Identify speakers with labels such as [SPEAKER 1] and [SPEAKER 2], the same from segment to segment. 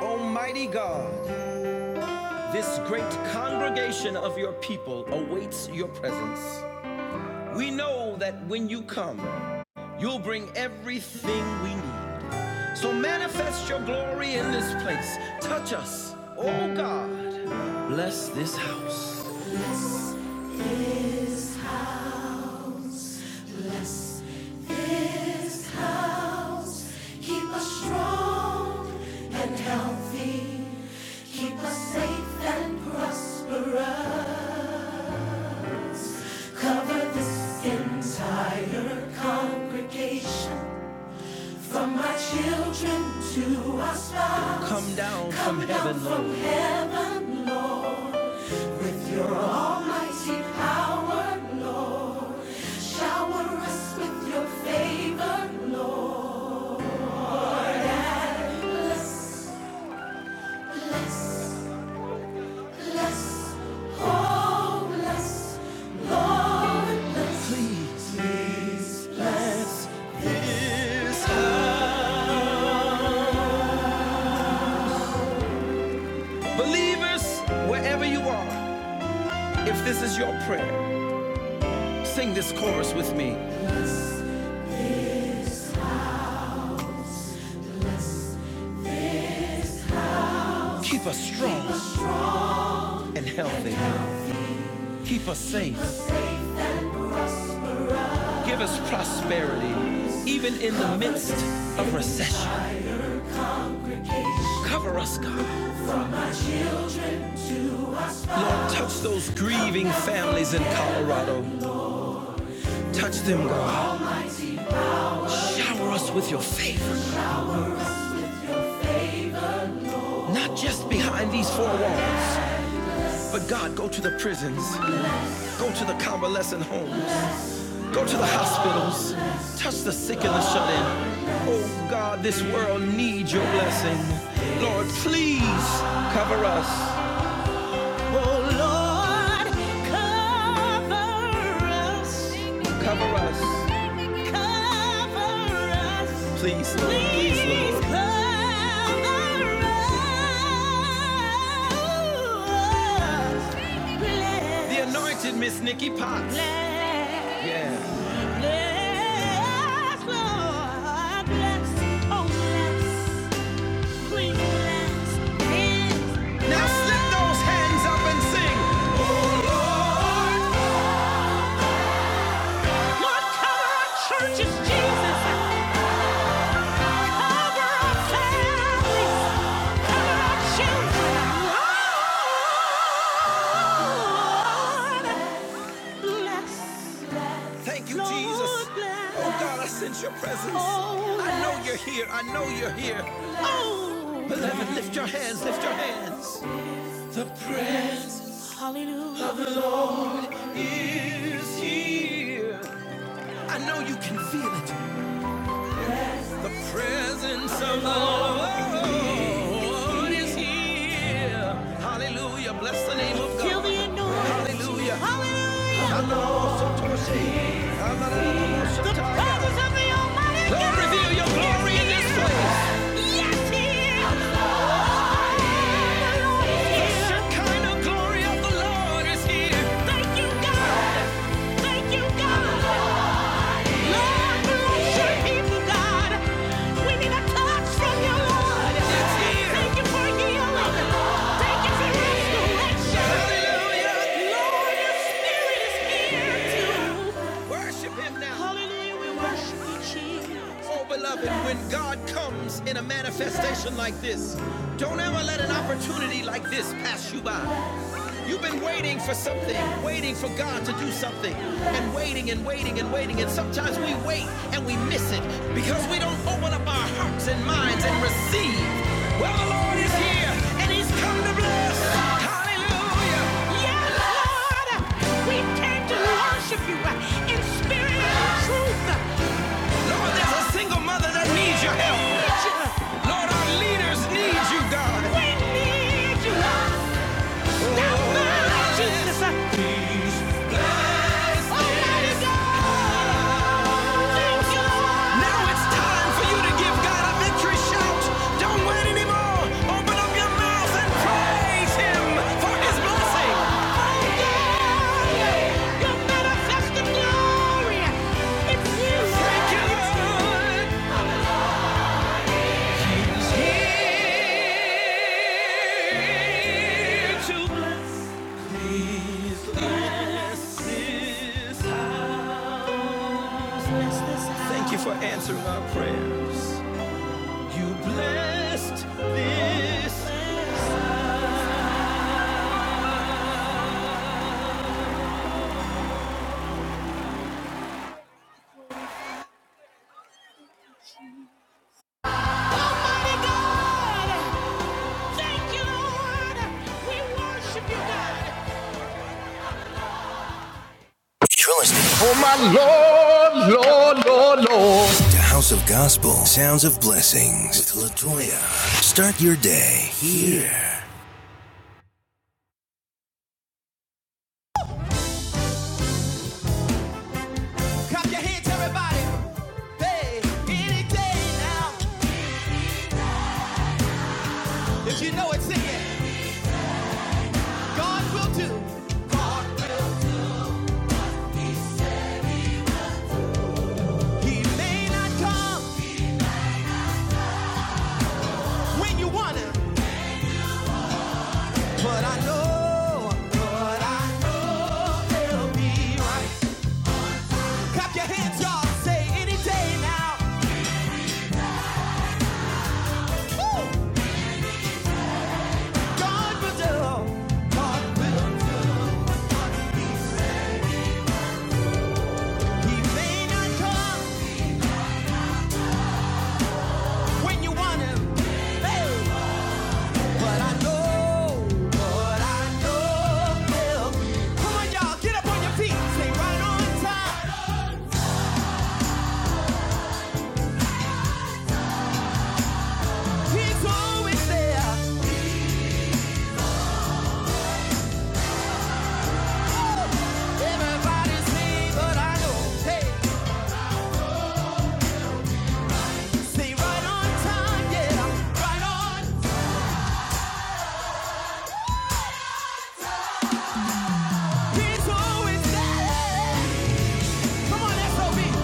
[SPEAKER 1] Almighty God, this great congregation of your people awaits your presence. We know that when you come, you'll bring everything we need. So manifest your glory in this place. Touch us, oh God. Bless this house. congregation from my children to our spouse. Come down come from down heaven, from Lord. Your almighty power, Lord. Shower us with your favor, Lord. Believers, wherever you are, if this is your prayer, sing this chorus with me. Keep us strong and healthy. Keep us safe. Give us prosperity, even in the midst of recession. Cover us, God. Lord, touch those grieving families in Colorado. Touch them, God. Shower us with your favor, not just behind these four walls, But God, go to the prisons, go to the convalescent homes, go to the hospitals, touch the sick and the shut in. Oh God, this world needs your blessing. Lord, please cover us. Oh Lord, cover us. Cover us. Cover us. Please, Lord. Please, Lord. cover us. Bless, The anointed Miss Nikki Potts. bless, Yeah. bless, Lord. Bless, oh bless. Now slip those hands up and sing. Oh Lord, cover our churches, Jesus. Cover our families. Cover our children. Lord, bless. Thank you, Jesus. Oh God, I sense your presence. Oh, I know you're here. I know you're here. Oh, beloved, lift your hands. Lift your hands. presence Hallelujah. of the Lord is here. I know you can feel it. The presence of the Lord is here. Hallelujah. Bless the name of God. Feel the anointing. Hallelujah. Hallelujah. The presence of the Almighty God. Lord, reveal your glory in this place. Yes, He is. The Shekinah glory of the Lord is here. Thank you, God. Thank you, God. Lord, bless your people, God. We need a touch from you, Lord. Thank you for healing. Thank you for restoration. Lord, your spirit is here too. Worship him now. Hallelujah, we worship you, Jesus. Oh, beloved, when God comes in a manifestation like this, don't ever let an opportunity like this pass you by. You've been waiting for something, waiting for God to do something, and waiting and waiting and waiting. And sometimes we wait and we miss it because we don't open up our hearts and minds and receive. Well, the Lord is here and He's come to bless. Hallelujah. Yeah, Lord. God, we came to worship you in spirit and truth. Lord, there's a single mother that needs your help. Lord, our leaders need you, God. We need you. Lord. Not Jesus. Almighty God. Now it's time for you to give God a victory shout. Don't wait anymore. Open up your mouth and praise Him for His blessing. Thank you for answering our prayers. You blessed this. Almighty God. Thank you, Lord. We worship you, God. You're listening Oh my Lord, Lord, Lord, Lord. to House of Gospel, Sounds of Blessings with Latoya. Start your day here. Clap your hands, everybody. Hey, any day now. If you know it, sing it. God will do. God will. He may not come when you want him, but I know. But I know he'll be right. Clap your hands, y'all. Say any day now. Woo! God will do. God will. He may not come when you want him. Hey! But I know, but I know he'll. Come on, y'all. Get up on your feet. Stay right on time. He's always there. Woo! Everybody's me, but I know. Hey! Stay right on time. Yeah, right on. He's always there. Come on, SOB.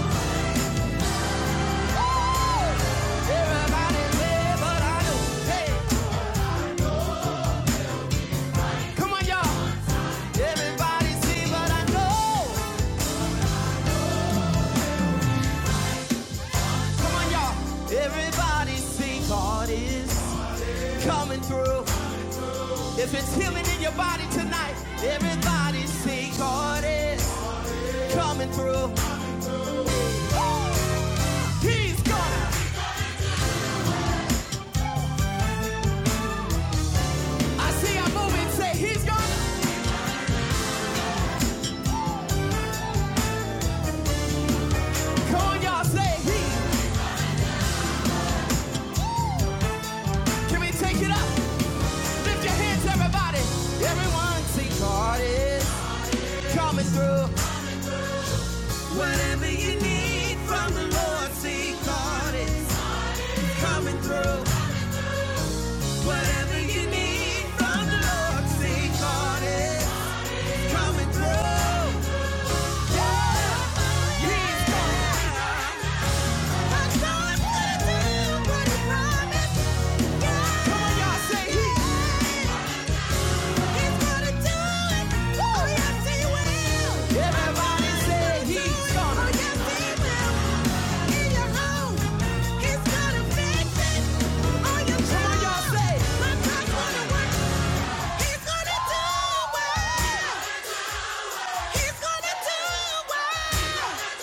[SPEAKER 1] through. If it's healing in your body tonight, everybody see God is coming through. Oh, he's gonna. I see I'm moving, say he's gonna. Come on, y'all, say he. Can we take it up? Lift your hands, everybody. Everyone see God is coming through. Whatever you need from the Lord, see God is coming through. Whatever you need from the Lord, see God is coming through. Yeah, yeah. I know it's gonna do what He promised. Yeah. Come on, y'all, say He. He's gonna do it. Oh, yes, he will. Everybody say he's Oh, gonna. yes, he will. In your home, he's gonna fix it. On your Come on, y'all say. my clock's gonna He's gonna do it. He's gonna do it.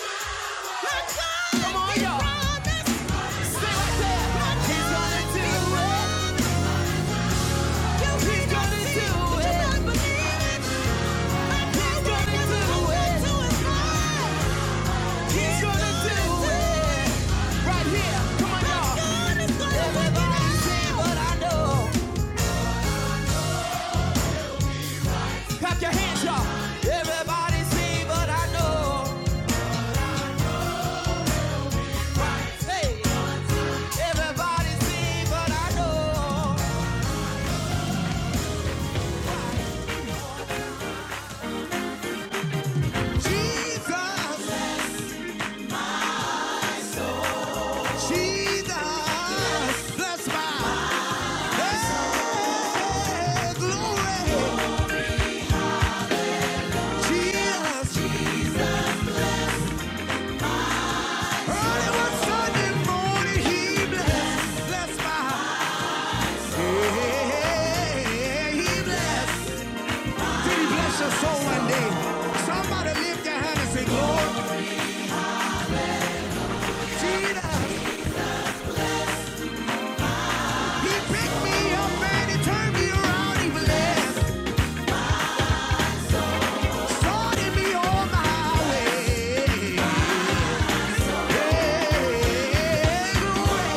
[SPEAKER 1] right do he You not believe it. Jesus, Early one Sunday morning, he blessed. Blessed my heart. Hey, he blessed. Did he bless your soul one day? Somebody lift your hand and say, Lord Jesus. He picked me up and he turned me around. He blessed. Started me on my way. Hey, Lord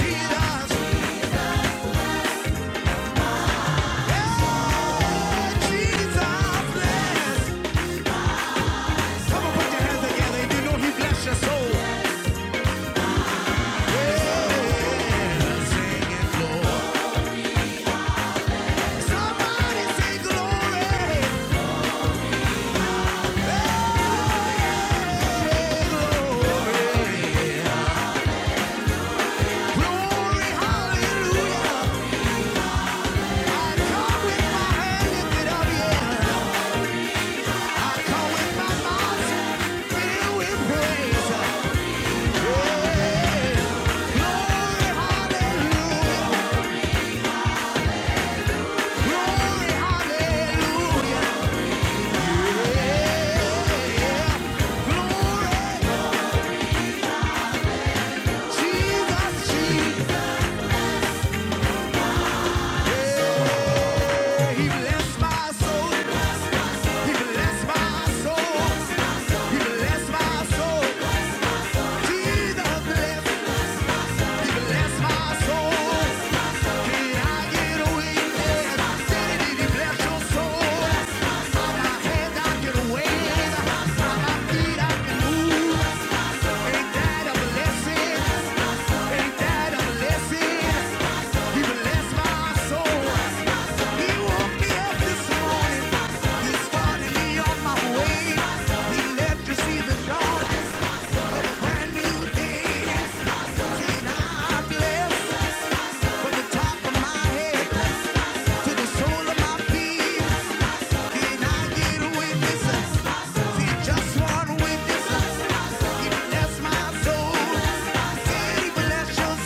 [SPEAKER 1] Jesus. Hey, Jesus bless. Come on, put your hands together. You know he bless your soul. Yeah. Sing it, Lord. Somebody say glory. Hey, glory. Glory, hallelujah. I come with my hand lifted up, yeah. I come with my mouth filled with praise. Yeah. Glory, hallelujah. Glory, hallelujah. Yeah. He blessed my soul. Bless your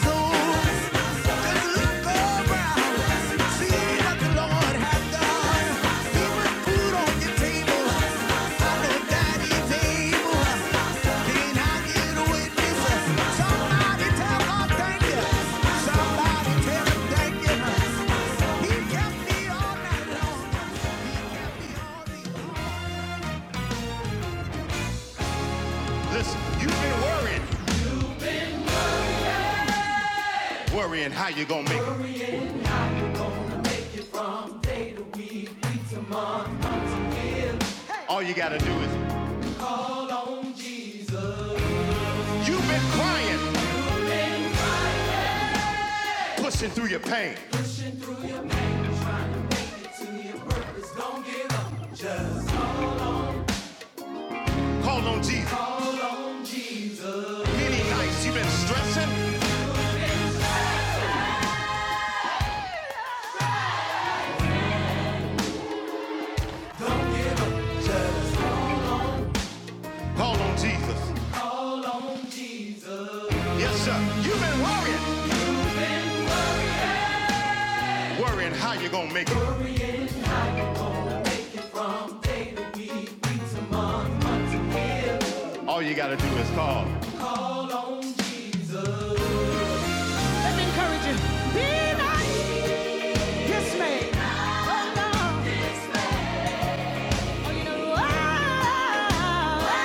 [SPEAKER 1] soul. Listen, you've been worrying, worrying how you're gonna make it. All you gotta do is, you've been crying, pushing through your pain. Call on Jesus. Many nights you've been stressing, call on Jesus. Yes, sir. You've been worrying, worrying how you're gonna make it. All you gotta do is call. Let me encourage you. Be not dismayed. Oh, no. Oh, whatever-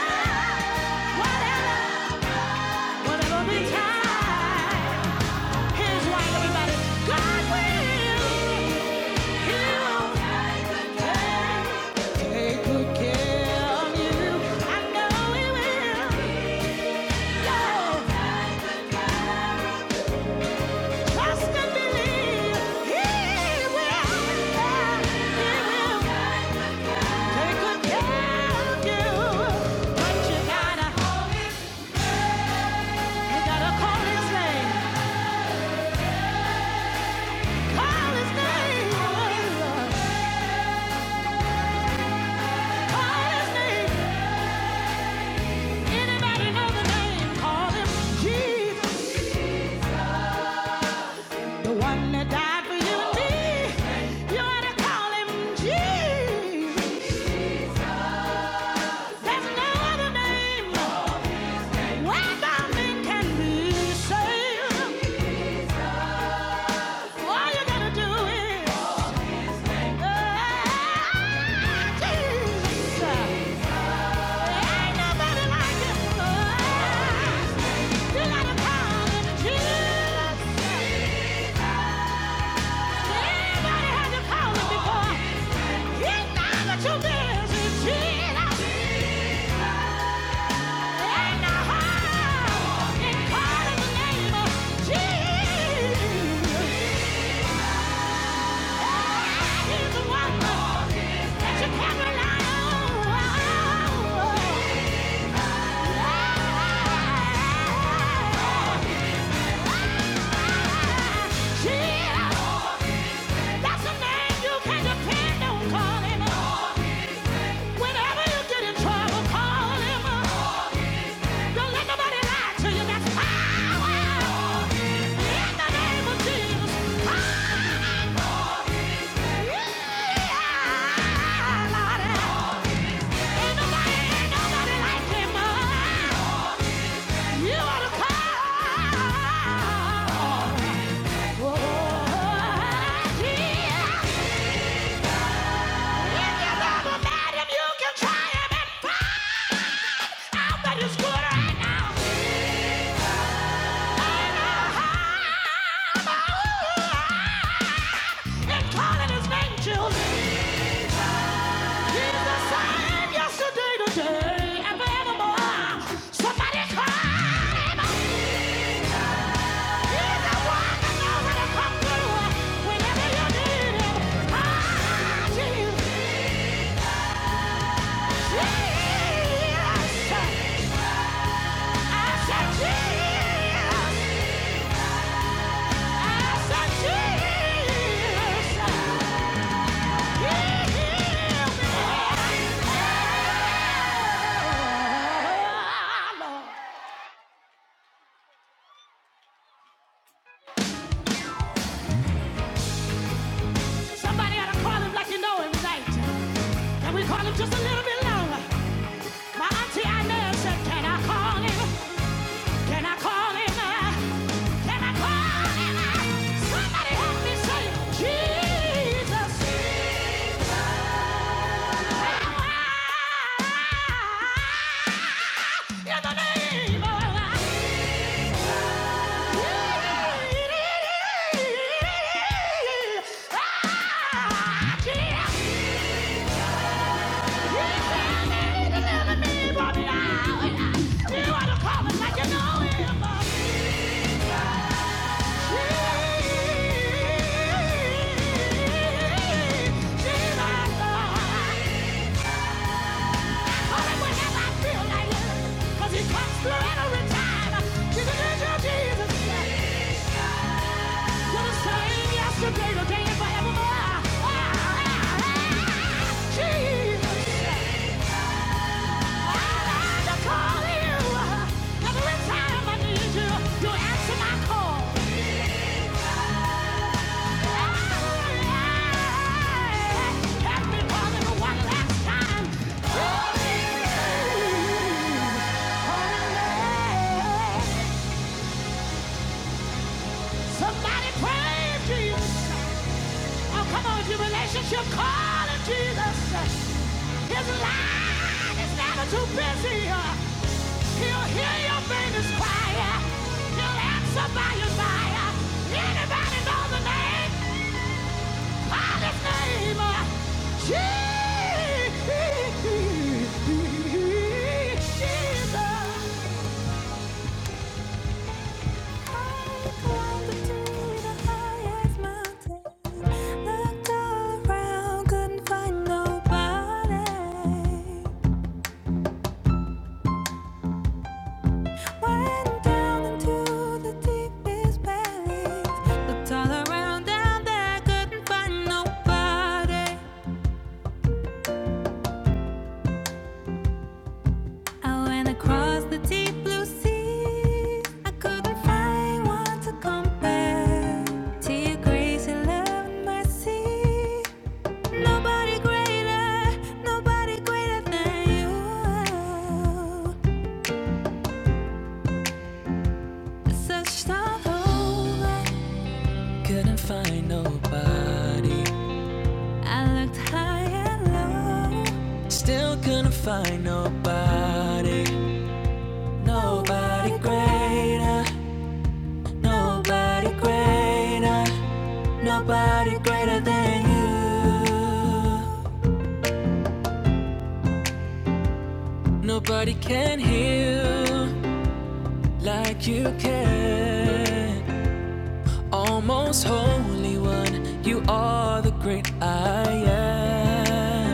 [SPEAKER 1] whatever betide. Here's why, everybody. God will. He will take good care. take good care of you. I know He will. Trust and believe He will. He will take good care of But you gotta, you gotta call His name. Call His name. Call His name. Anybody know the name? Call Him Jesus, the one that died for you and me. You ought to call Him Jesus. There's no other name. Jesus! Yeah! You are the cause. Oh, yeah. If you love a man, if you can try him and find out that he's good right now. Ah, And calling his name, He's the same yesterday, today, and forevermore. Somebody call He's the one that knows how to come through whenever you need him. Ah, Jesus. Somebody ought to call him like you know him right. Can we call him just a little bit longer? My auntie Inez said, Can I call him? Can I call him? Can I call him? Somebody help me say, Jesus. Jesus. Jesus. Cause he comes through at a time. Jesus, Jesus, Jesus. You're the same yesterday, today, and forevermore. Jesus, I call you. Every time I need you, you answer my call. Help me more than one last time. Somebody praise Jesus. Oh, come on, your relationship call in Jesus. His line is never too busy. He'll hear your baby's cry. He'll answer by your fire. Anybody know the name? Call his name. Jesus. Call the cloud to do the highest mountain. Look around. Nobody greater, nobody greater than you. Such a holy. Couldn't find nobody. I looked high and low. Still couldn't find nobody. Nobody greater. Nobody greater. Nobody greater than you. Nobody can heal like you can. Almost holy one, you are the great I am.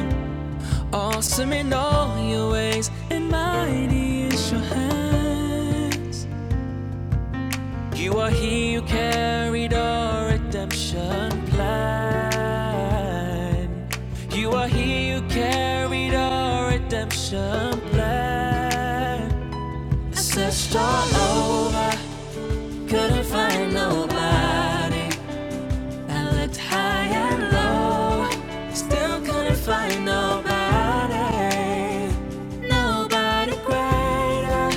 [SPEAKER 1] Awesome in all your ways, and mighty is your hands. You are he who carried our redemption plan. You are he who carried our redemption plan. I searched all over, couldn't find nobody. I looked high and low, still couldn't find nobody. Nobody greater,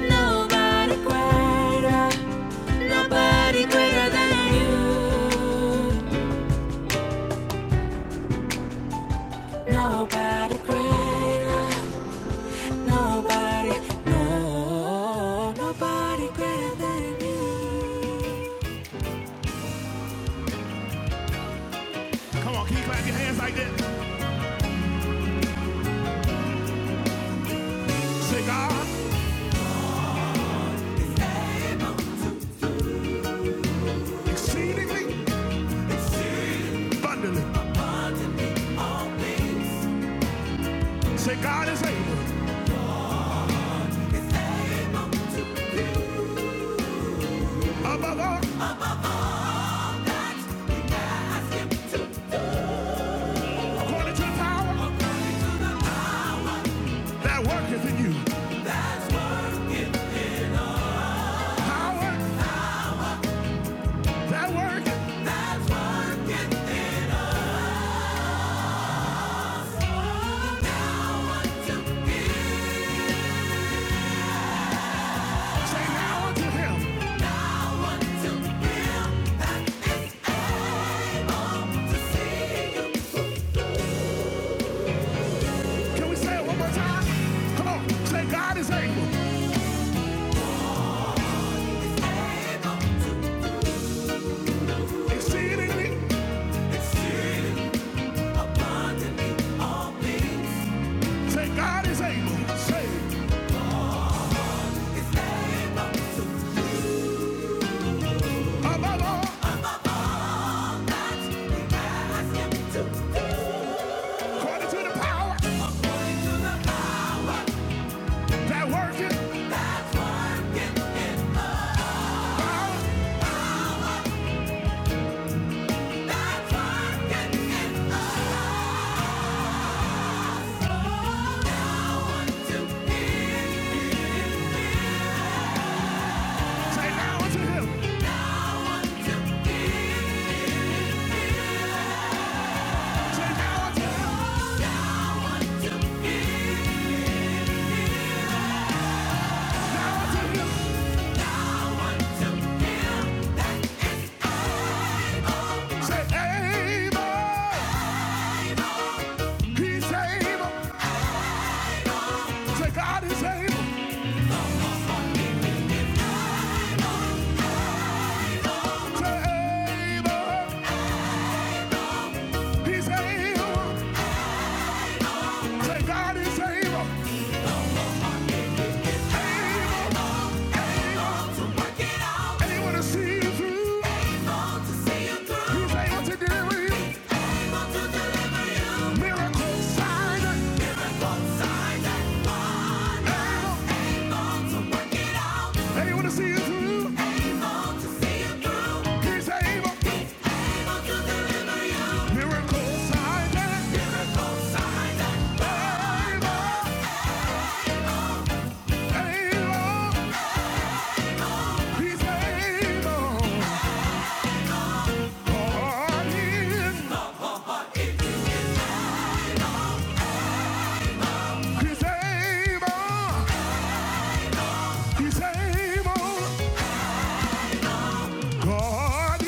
[SPEAKER 1] nobody greater, nobody greater than you. Nobody greater, nobody, no, nobody greater than you. Come on, can you clap your hands like that? Say God, exceedingly abundantly. Say God is able above all. Can we say it one more time? Come on. Say God is able. Exceedingly. Say God is able. Say above all, according to the power that worketh. Say God is able to do miracles, signs, and signs and wonders. They want to see you through. He's able. Miracles, signs, and wonders. Able. He's able. Oh, God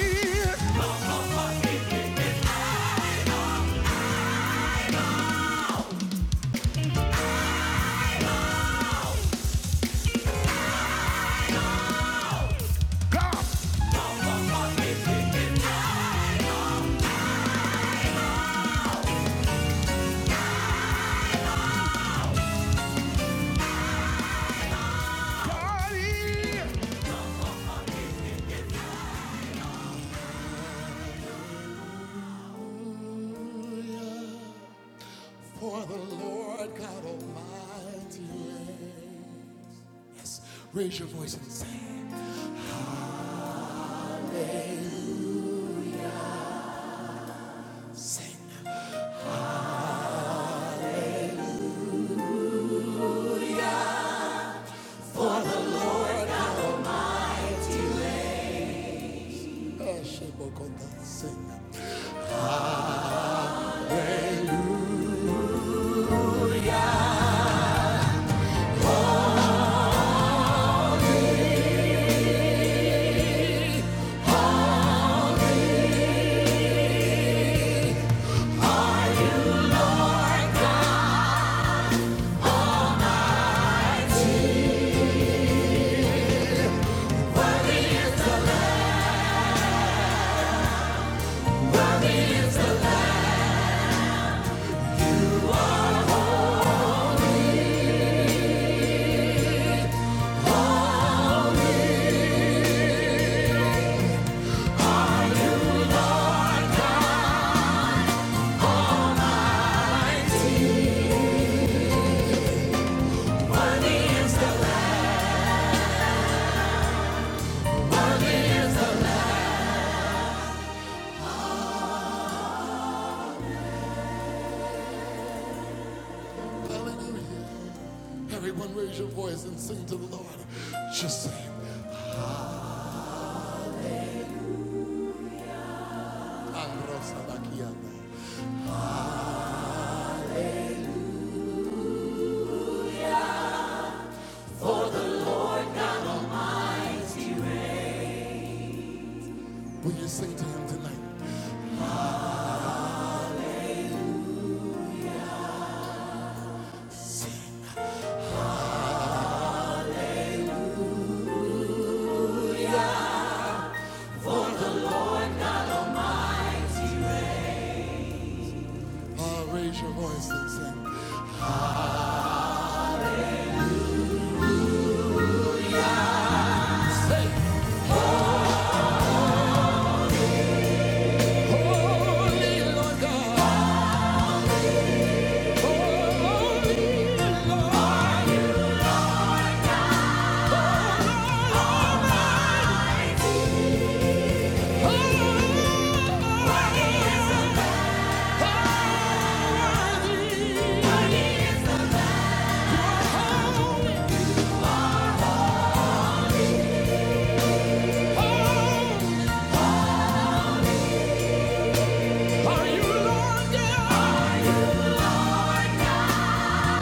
[SPEAKER 1] is.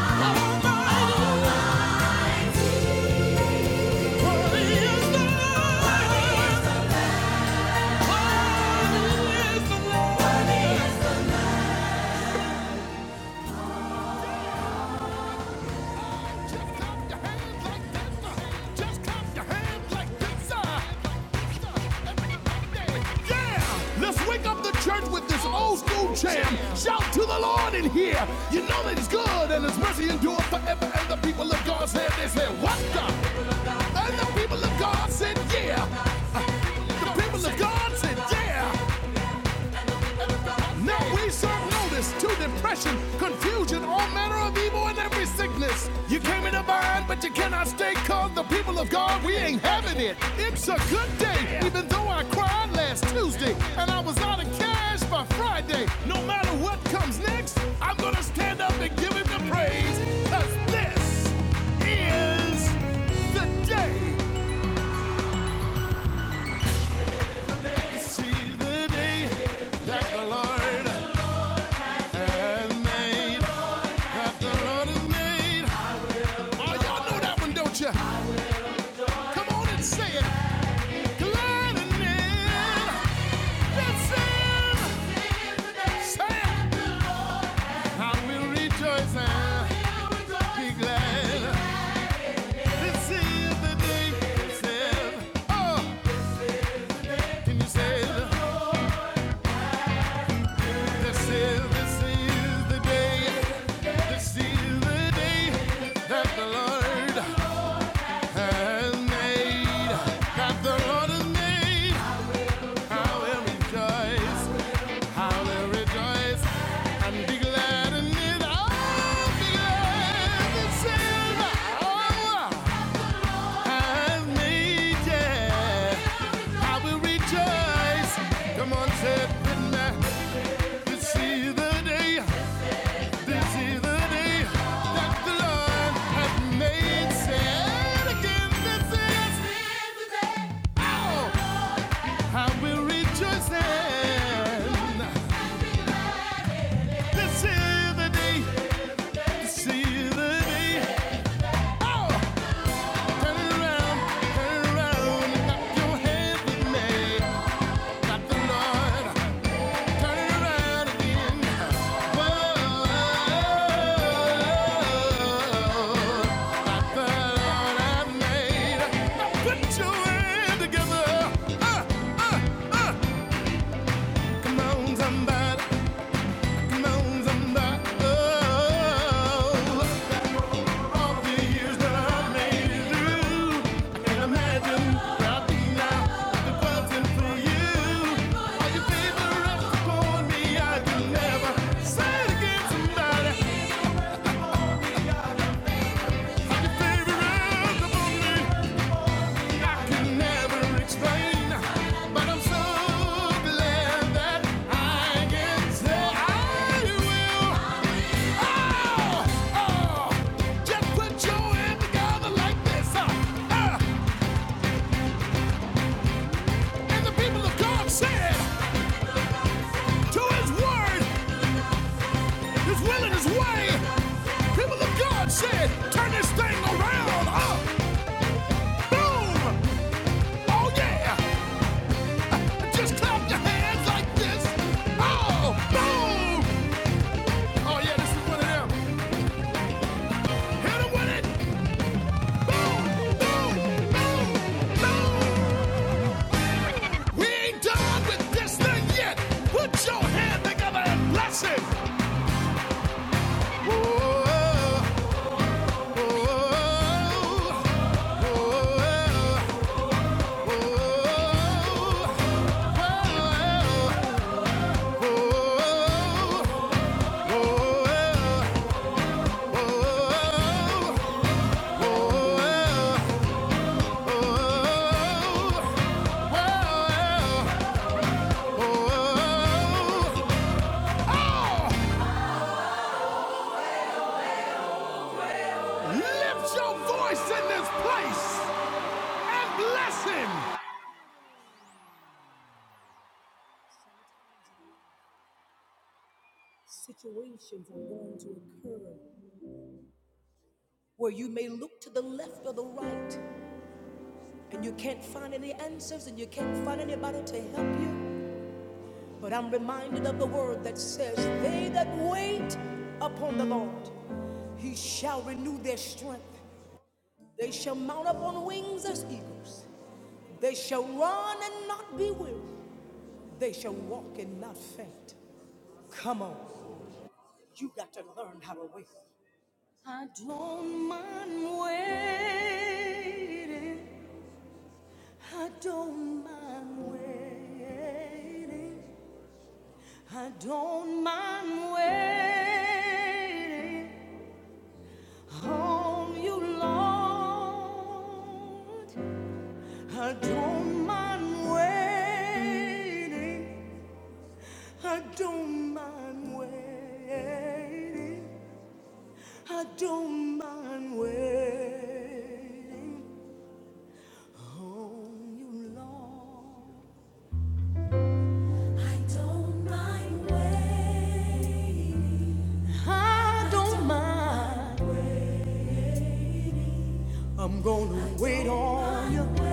[SPEAKER 1] Thank you like uh. Yeah! Let's wake up the church with this old school jam. Shout to the Lord in here. You know that He's good and His mercy endures forever. And the people of God said, They said, What the? And the people of God said, Yeah. The people of God said, Yeah. Now we serve notice to depression, confusion, all manner of evil and every sickness. You came in a bind, but you cannot stay called the people of God. We ain't having it. It's a good day, even though I cried last Tuesday and I was out of cash by Friday. No matter what comes next, I'm gonna stand up and give him the praise. Cause this is the day. See the day that the Lord has made. That the Lord has made. Oh, y'all know that one, don't you? Come on and say it. Glad in it. Listen. Say it. I will rejoice and be glad. This is the day. This is- oh, can you say it? This is- this is the day. This is the day that the Lord has made. That the Lord has made. I will rejoice, I will rejoice, and be glad in it. Oh, be glad and say, "Lord, has made it." I will rejoice. Come on, say This is the day, this is the day that the Lord has made. Say it again, this is the day. Oh, I will rejoice. And This is the day, this is the day. Oh! Turn around, turn it around. Got your hands with me. Got the Lord. Turn around again. Whoa. Got the Lord I made. Now put your hands together. Uh, uh. Come on, somebody. Come on, somebody. Oh. Oh, oh, just put your hand together like this. Uh, uh. And the people of God said to his word, his will and his way, people of God said, turn this thing around. Oh, boom. Oh, yeah. Just clap your hands like this. Oh, boom. Oh, yeah, this is one of them. Hit him with it. Boom, boom, boom, boom. We ain't done with this thing yet. Put your hand together and bless it. Oh, oh, oh. oh, Lift your voice in this place and bless him. Situations are going to occur where you may look to the left or the right. and you can't find any answers and you can't find anybody to help you. But I'm reminded of the word that says, They that wait upon the Lord, he shall renew their strength. They shall mount up on wings as eagles. They shall run and not be weary. They shall walk and not faint. Come on, you got to learn how to wait. I don't mind waiting. I don't mind waiting. I don't mind waiting on you, Lord. I don't mind waiting. I don't mind waiting. I don't mind waiting on you, Lord. I don't mind waiting. I don't mind. I'm gonna wait on you.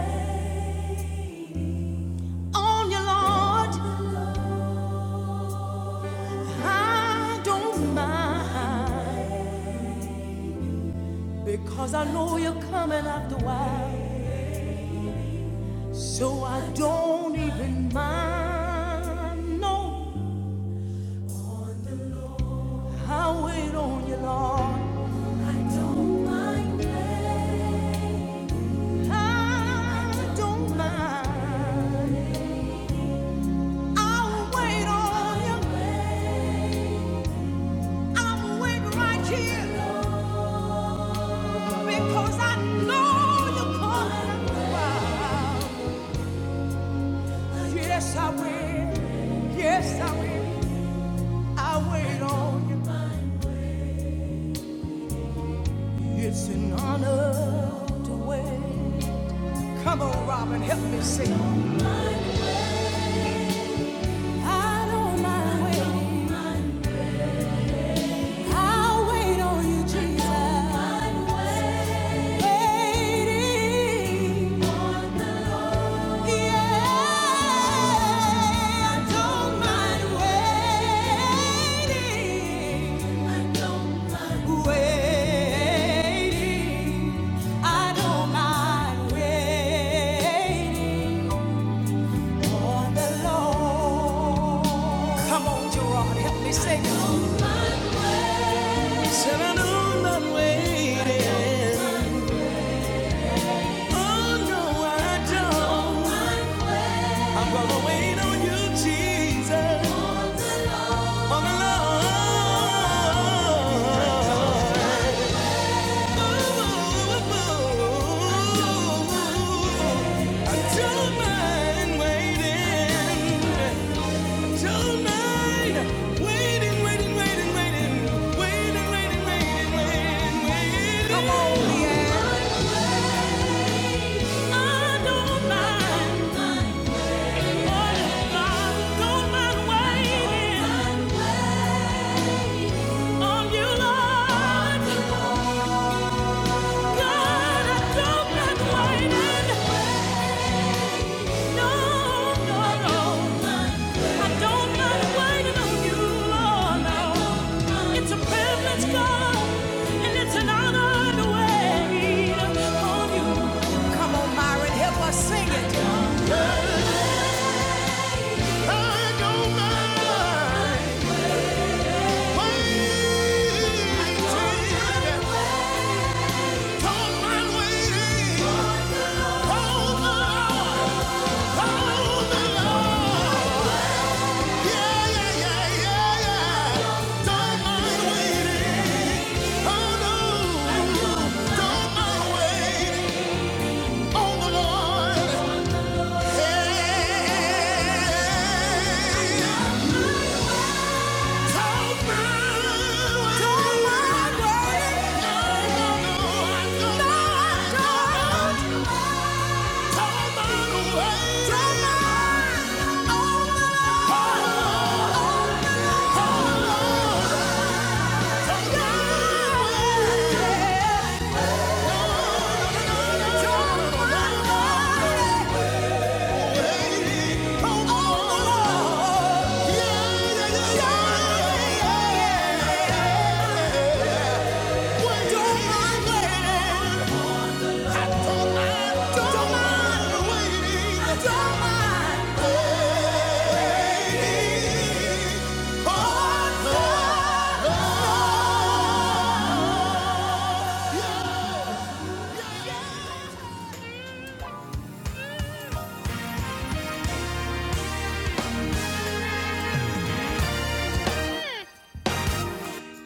[SPEAKER 1] on you, Lord. I don't mind because I know you're coming after a while. So I don't even mind. No, I wait on you, Lord. I don't mind. yeah. I don't mind. i wait on you. i wait right here because I know you're coming after a while. Yes, I will. Yes, I will. I wait on you. It's an honor to wait. Come on, Robin, help me sing. I don't mind waiting. I'll wait on you, Jesus. waiting Yeah, I don't mind waiting. waiting. I don't mind waiting on the Lord. Come on, Jerome, help me sing. don't mind waiting. Said I know I'm waiting. Oh no, I don't. I'm gonna wait on you, Jesus. All alone. I don't mind waiting. No, no, no. Come on, Myron, help us sing it. Yeah, yeah, yeah, yeah, yeah. Oh, no. Hey. Yeah.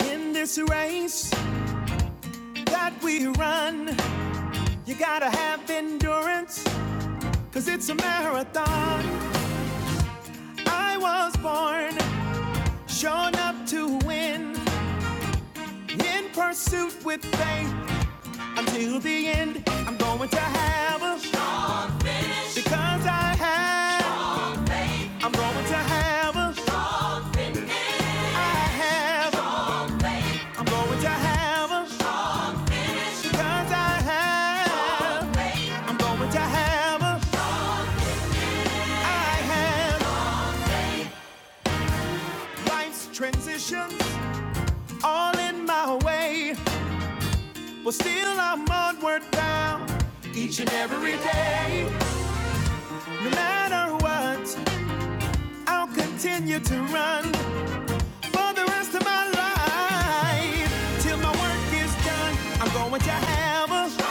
[SPEAKER 1] In this race that we run, you gotta have endurance, cause it's a marathon. I was born, shown up to win, in pursuit with faith until the end. I'm going to have a, because I have. I'm going to have a, I have. I'm going to have a, because I have. I'm going to have a, I have. Life's transitions all in my way, but still I'm onward bound each and every day, no matter what. I'll continue to run for the rest of my life till my work is done. I'm going to have a strong,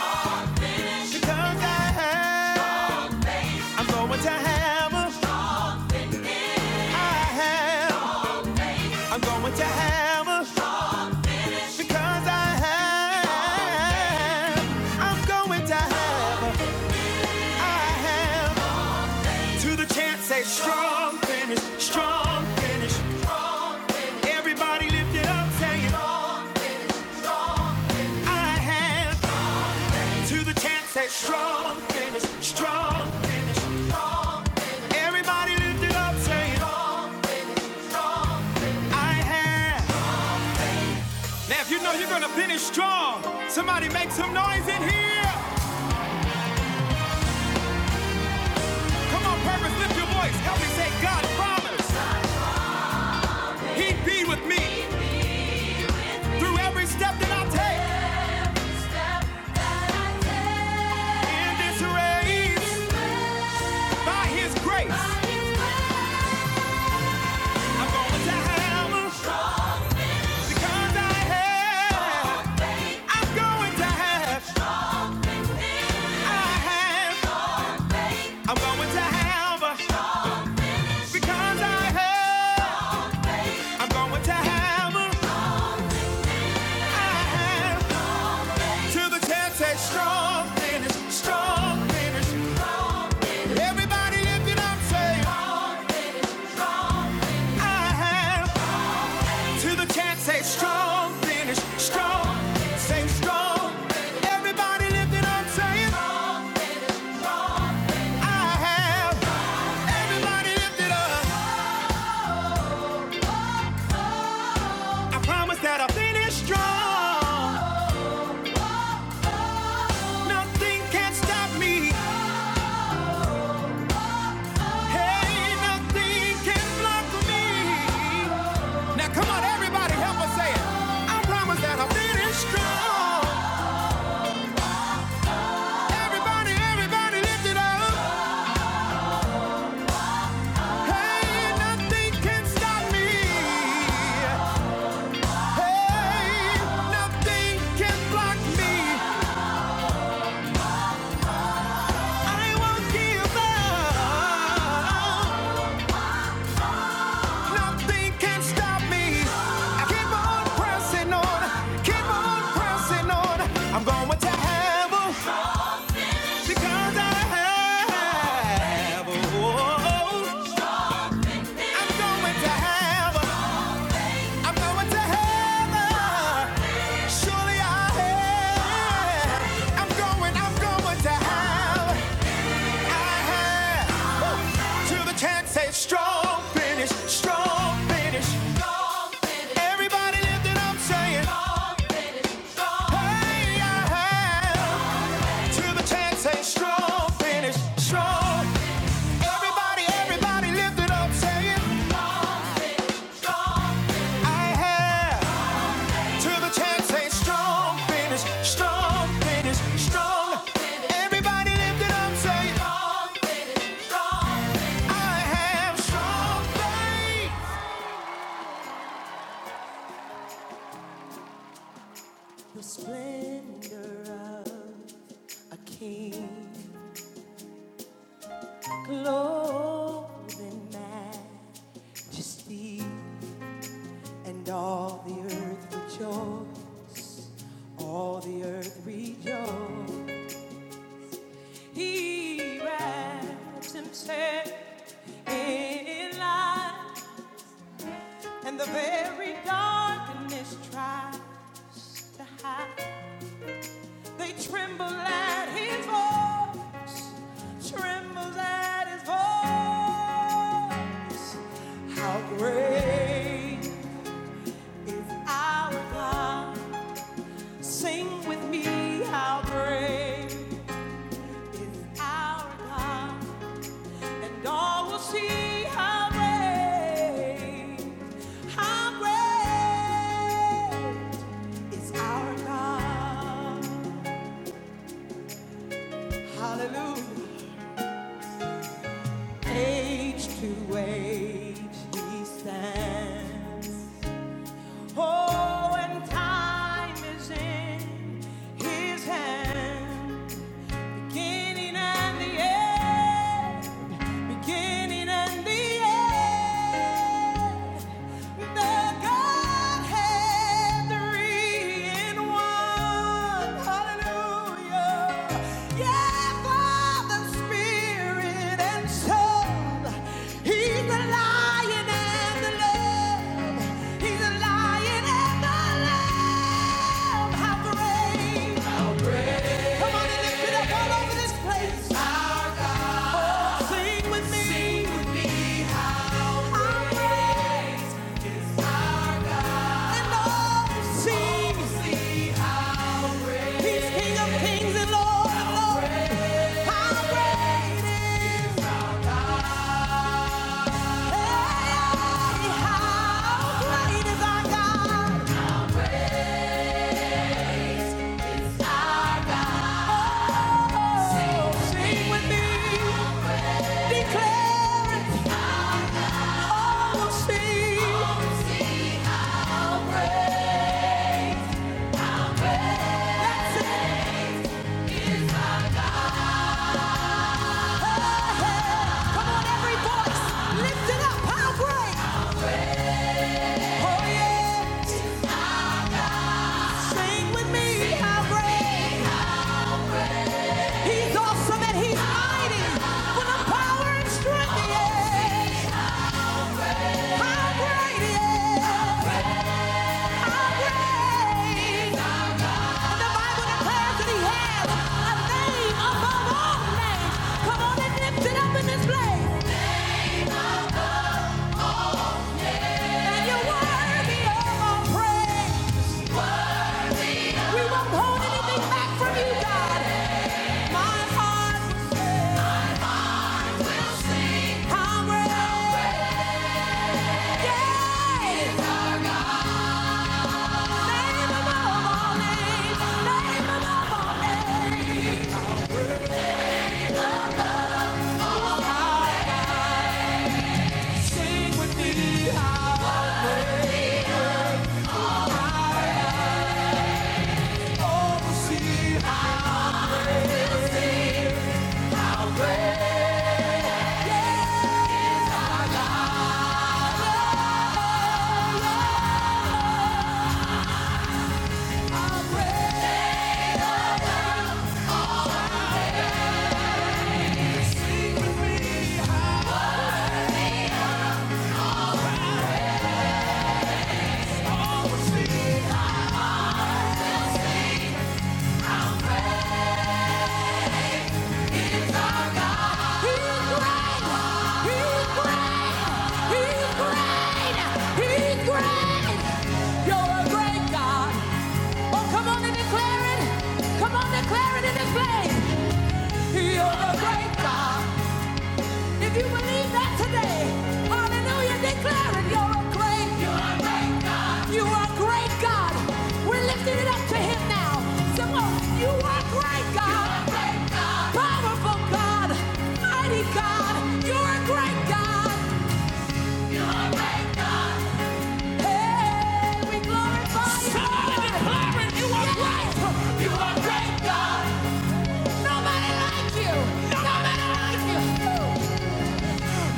[SPEAKER 1] because I have. I'm going to have a strong, I have. I'm going to have a strong, because I have. You know you're gonna finish strong. Somebody make some noise in here. Come on, purpose, lift your voice. Help me say God promised He'd be with me through every step that I take in this race. By His grace, I'm going to have because I have. I'm going to have. I have. I'm going to have because I have. I'm going to have. I have. To the test, say strong finish, strong finish. Everybody lift it up, say I have. To the chance, say strong finish, strong. Say strong. Everybody lift it up, say I have. Everybody lift it up. I promise that I'll finish strong. Nothing can stop me. Hey, nothing can block me. Now come on, everybody, help us say it. I promise that I'll finish strong. Everybody, everybody, lift it up. Hey, nothing can stop me. Hey, nothing can block me. I won't give up. Nothing can stop me. I keep on pressing on, keep on pressing on. I'm going to heaven because I have. Oh, I'm going to heaven. I'm going to heaven. Surely I have. I'm going. I'm going to heaven. I have. to the chance, say strong finish, strong finish. Strong finish. Everybody lift it up, saying. Strong finish. strong finish. Hey, yeah, hey. To the chance, say strong finish, strong. Everybody, everybody lift it up, saying. Strong. I have to the chance, say strong finish, strong finish, strong. Everybody lift it up, say it. I have strong faith. The splendor of a king, clothed in majesty, and all the earth rejoiced. All the earth rejoiced. He wraps himself in light, and the very darkness tries to hide. They tremble at his voice, tremble at his voice. How great is our God? Sing with me, how great is our God? And all will see how great, how great is our God. Hallelujah. Age to age he stands. Oh, and time is in his hands. Beginning and the end, beginning and the end. The Godhead, three in one. Hallelujah. Yeah, Father, Spirit, and Son. He's the Lion and the Lamb. He's the Lion and the Lamb. How great! Come on and lift it up all over this place. Sing with me. Sing with me. How How great and awesome He's King of kings and Lord of lords. How great is Hey, how great is our God. Oh, sing with me. Declare it. Oh, sing. Come on and lift it up in this place. And you're worthy of our praise. We won't hold anything back from you, God. My heart will sing. I will sing. How great. Yeah. Is our God. Name above all names. Name above all names. Sing with me how I oversee. Sing with me how Come on, declare it in this place. You're a great God. If you believe that today, hallelujah, declare it. You're a great, you are a great God. You are great God. We're lifting it up to Him now. Some more. You are great God. You are great God. Powerful God. Mighty God. You're a great God. You're a great God. Hey, we glorify you. Somebody Lord. declare it. You are great. You are great, God. Nobody like you. Nobody like you.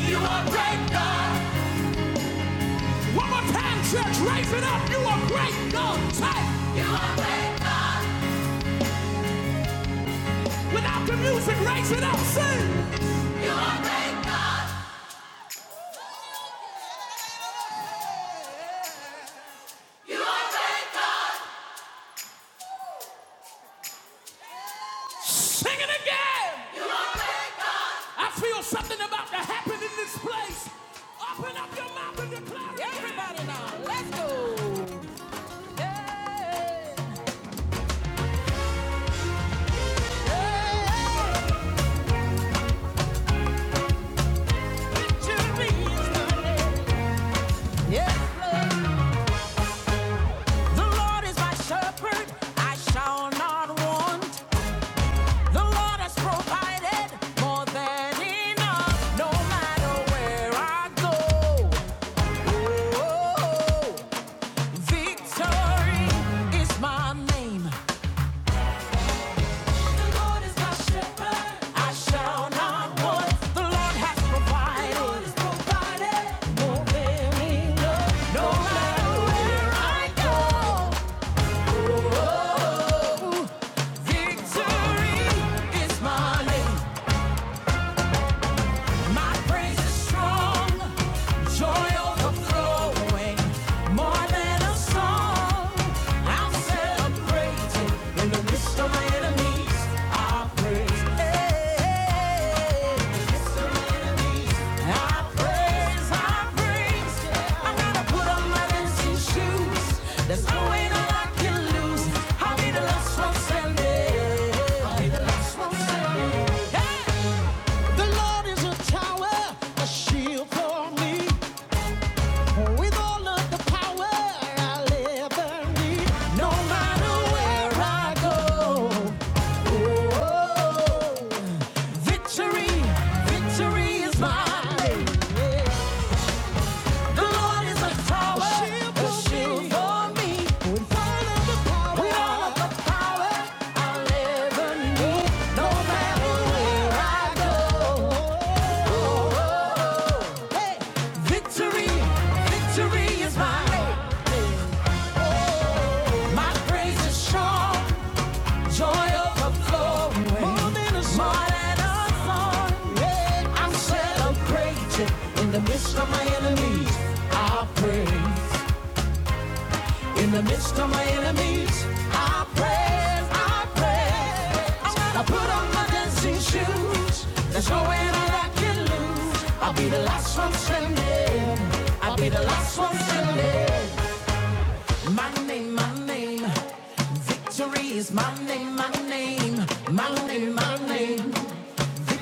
[SPEAKER 1] You are great, God. One more time, church, raise it up. You are great, God. Say, you are great. Without the music, raise it up. Sing. Sing it again. I feel something about to happen in this place. Open up your mouth and declare it. Everybody now, let's go. Yeah. Yeah. Victory is mine. Yes, Lord. The Lord is my shepherd. I shall not want. The Lord has provided more than enough, no matter where I go. Oh, victory is my name. The Lord is my shepherd. I shall not want. The Lord has provided. more than enough, no matter where I go. Oh, victory is my name. My praise is strong, joy overflowing, more than a song. I'm celebrating in the midst of my enemies. I praise, hey, I praise, I praise. yeah. I gotta put on my dancing shoes. There's no way that I can lose. I'll be the last one standing. I'll be the last one standing. Hey! The Lord is a tower, a shield for me. With all of the power I'll ever need, no matter where I go. oh, victory, victory is mine. The Lord is a tower, a shield for me. With all of the power I'll ever need, no matter where I go. Oh, oh, oh. Hey, victory, victory is mine. My praise is strong, joy overflowing. More than a song. I'm celebrating in the midst of my enemies. I praise. In the midst of my enemies, I praise, I praise. I put on my dancing shoes. There's no way that I can lose. I'll be the last one standing. I'll be the last one standing. My name, my name, Therese. My name, my name, my name, my name.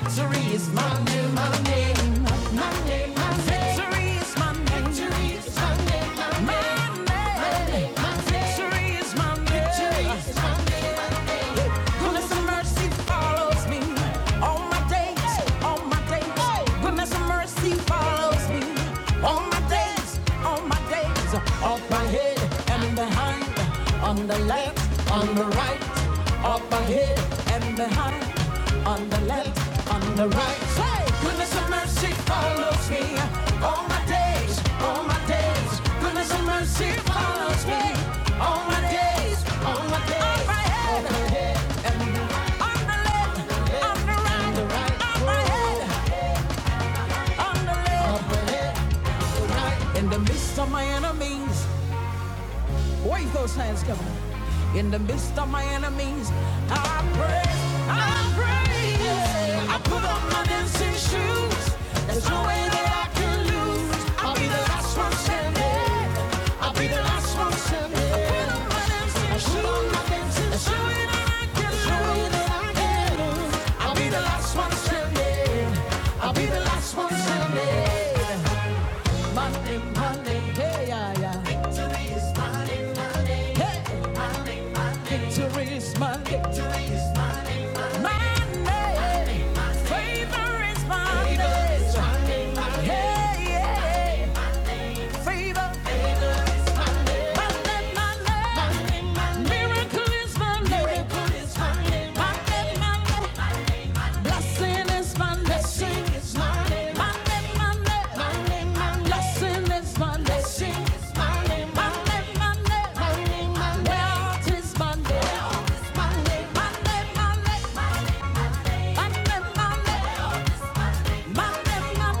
[SPEAKER 1] Victory is my name, my name, my name, my name. Victory is my name. Victory is my name, my name, my name, my name. Victory is my name. my name. Goodness and mercy follows me all my days, all my days. Goodness and mercy follows me all my days, all my days. Up ahead and behind, on the left, on the right. Up ahead and behind. on on the left, on the right. Hey! Goodness and mercy follows me all my days, all my days. Goodness and mercy follows me all my days, all my days. On my head, on my head on the left, on the right, on right. my head, on the left, on the right. In the midst of my enemies. Wave those hands, come In the midst of my enemies, I praise, I praise. I put on my dancing shoes. There's no way that I can lose. I'll be the last one standing. I'll be the last one standing. I put on my dancing shoes. There's no way that I can There's no way that I can lose. I'll be the last one standing. I'll be the last one standing. Monday, Monday, hey, yeah, yeah. Hey. Victory is my victory. my name. Favor is my name. Yeah, yeah. Favor. My name, my name. Miracle is my name. My name, my name. Blessing is my Blessing my name. My name, my name. My name, Blessing is my Blessing my name. My name, my name. My name, my name. is my name. my name. My name, my name. My name,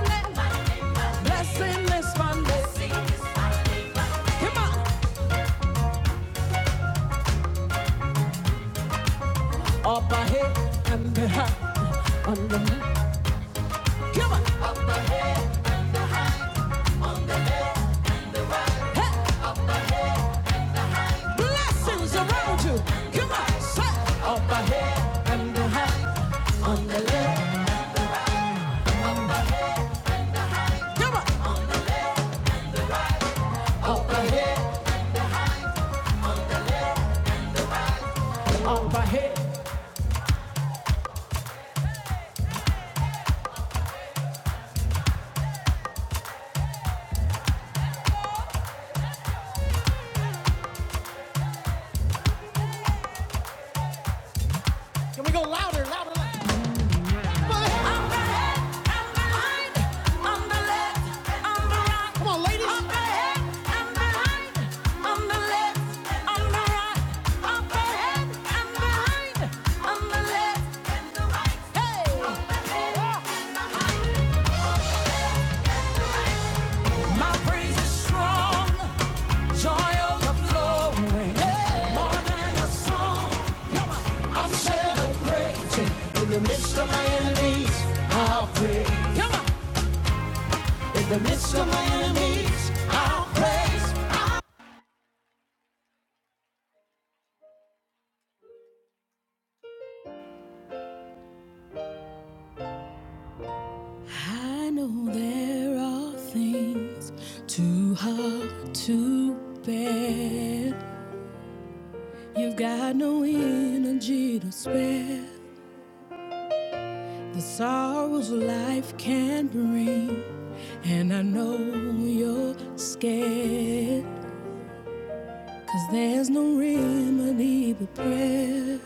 [SPEAKER 1] is my name. My name, my name. My name, Blessing is my Blessing Come on. Up ahead and behind. Under me. Come on. Hey. Blessings around you. Come on, say, Up ahead and behind, on the left, come on. up ahead. Can we go louder, louder, louder? I'm ahead, I'm behind, on the left, on the right. Come on, ladies. I'm ahead, I'm behind, on the left, on the right. and behind, on the left and the right. Hey! On the left and the right. My praise is strong, joy overflowing. More than a song, I'm celebrating in the midst of my enemies. I'll praise. Come on. In the midst of my enemies, I'll praise. I know there are things too hard to bear. You've got no energy to spare. The sorrows life can bring, and I know you're scared, 'cause there's no remedy but prayer.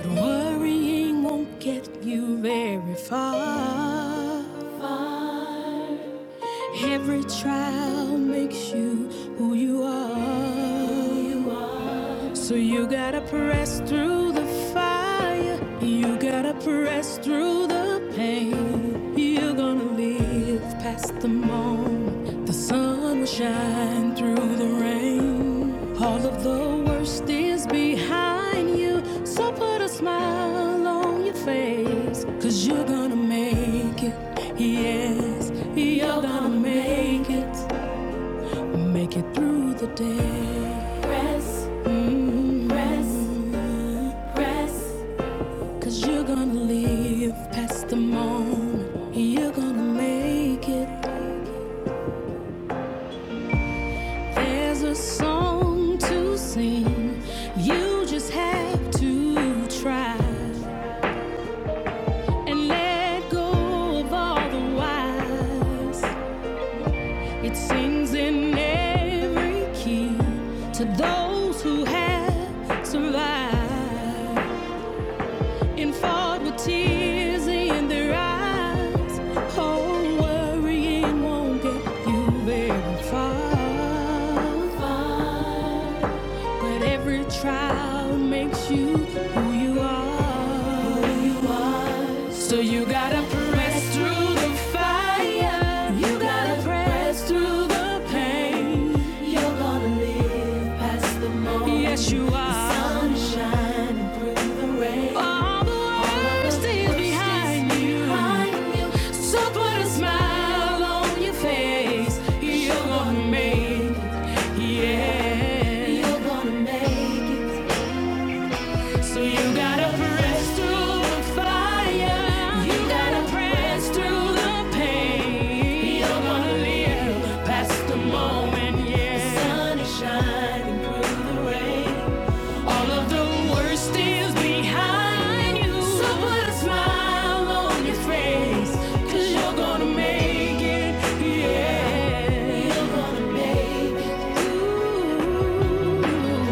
[SPEAKER 1] But worrying won't get you very far. far. Every trial makes you who you are. So you gotta press through the fire. You gotta press through the pain. You're gonna all of those things behind you. Put a smile on face. Cause you're gonna press, press, press. Cause you're gonna live past the moment. You're gonna make it. There's a song to sing. You just have to try and let go of all the whys. It sings in every key to those who have survived. and fought with tears in their eyes. Oh, worrying won't get you very far. But every trial makes you who you are. Who you are. So you gotta press through the fire. You gotta press through the pain. You're gonna live past the moment. Yes, you are. The sunshine. All the worst behind you. So put a smile on your face. You're gonna make it. Yeah. You're gonna make it. So you gotta press through the fire. You gotta press through the pain. You're gonna live past the moment. Yeah. The sun is shining through the rain. All of the worst is behind you. So put a smile on your face. you you're gonna make it. Yeah. You're gonna make it. Ooh.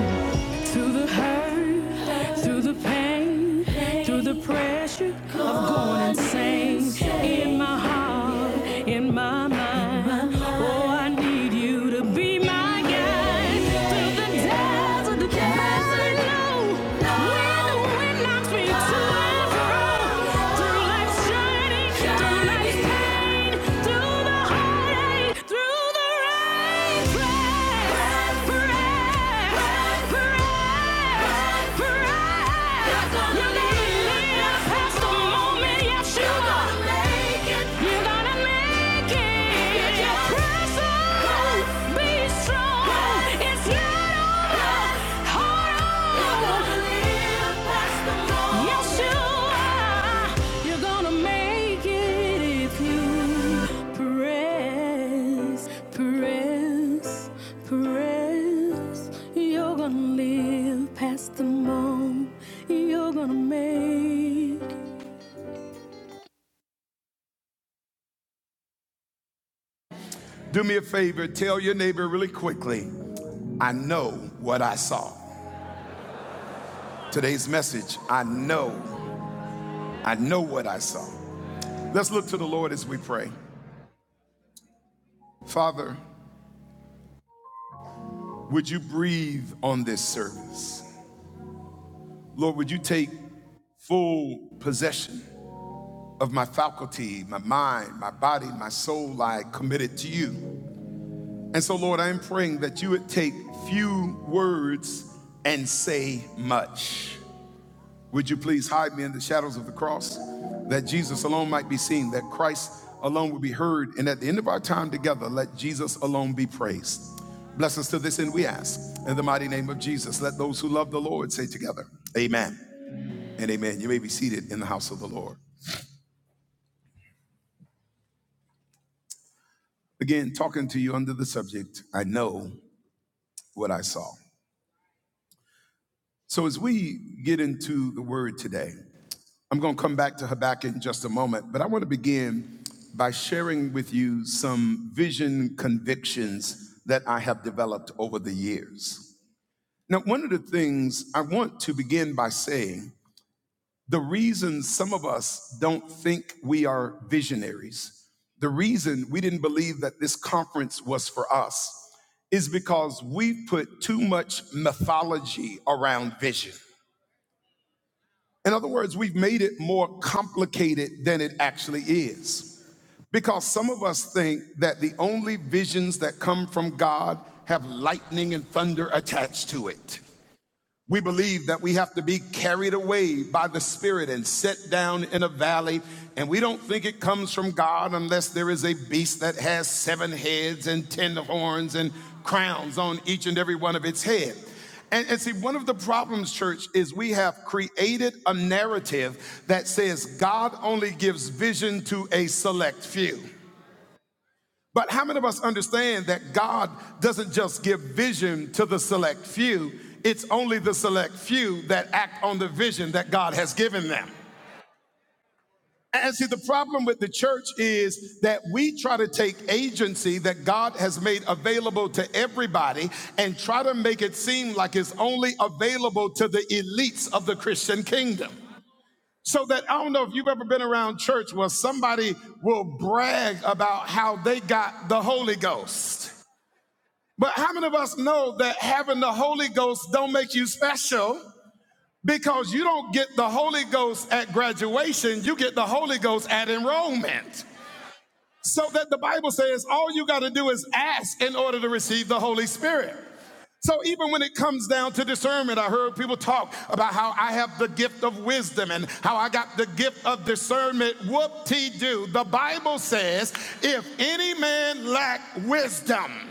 [SPEAKER 1] Through the hurt, through the pain, through the pressure of going insane. In my heart, in my mind, oh, I need you to be my guide. Through the desert, the desert, low, when the wind knocks me to and fro, through life's journey. Be strong. Yes, Do me a favor, tell your neighbor really quickly, I know what I saw. Today's message, I know, I know what I saw. Let's look to the Lord as we pray. Father, would you breathe on this service? Lord, would you take full possession of my faculty, my mind, my body, my soul? I committed to you. And so, Lord, I am praying that you would take few words and say much. Would you please hide me in the shadows of the cross that Jesus alone might be seen, that Christ alone would be heard, and at the end of our time together, let Jesus alone be praised. Bless us to this end, we ask. In the mighty name of Jesus, let those who love the Lord say together, Amen amen. and Amen. You may be seated in the house of the Lord. Again, talking to you under the subject, I know what I saw. So, as we get into the word today, I'm going to come back to Habakkuk in just a moment, but I want to begin by sharing with you some vision convictions that I have developed over the years. Now, one of the things I want to begin by saying the reason some of us don't think we are visionaries, the reason we didn't believe that this conference was for us, is because we put too much mythology around vision. In other words, we've made it more complicated than it actually is. Because some of us think that the only visions that come from God have lightning and thunder attached to it. We believe that we have to be carried away by the Spirit and set down in a valley. And we don't think it comes from God unless there is a beast that has seven heads and ten horns and crowns on each and every one of its head. And, and see, one of the problems, church, is we have created a narrative that says God only gives vision to a select few. But how many of us understand that God doesn't just give vision to the select few? It's only the select few that act on the vision that God has given them. And see, the problem with the church is that we try to take agency that God has made available to everybody and try to make it seem like it's only available to the elites of the Christian kingdom. So that I don't know if you've ever been around church where somebody will brag about how they got the Holy Ghost. But how many of us know that having the Holy Ghost don't make you special? Because you don't get the Holy Ghost at graduation, you get the Holy Ghost at enrollment. So that the Bible says all you got to do is ask in order to receive the Holy Spirit. So even when it comes down to discernment, I heard people talk about how I have the gift of wisdom and how I got the gift of discernment. Whoop-te-doo. The Bible says, if any man lack wisdom,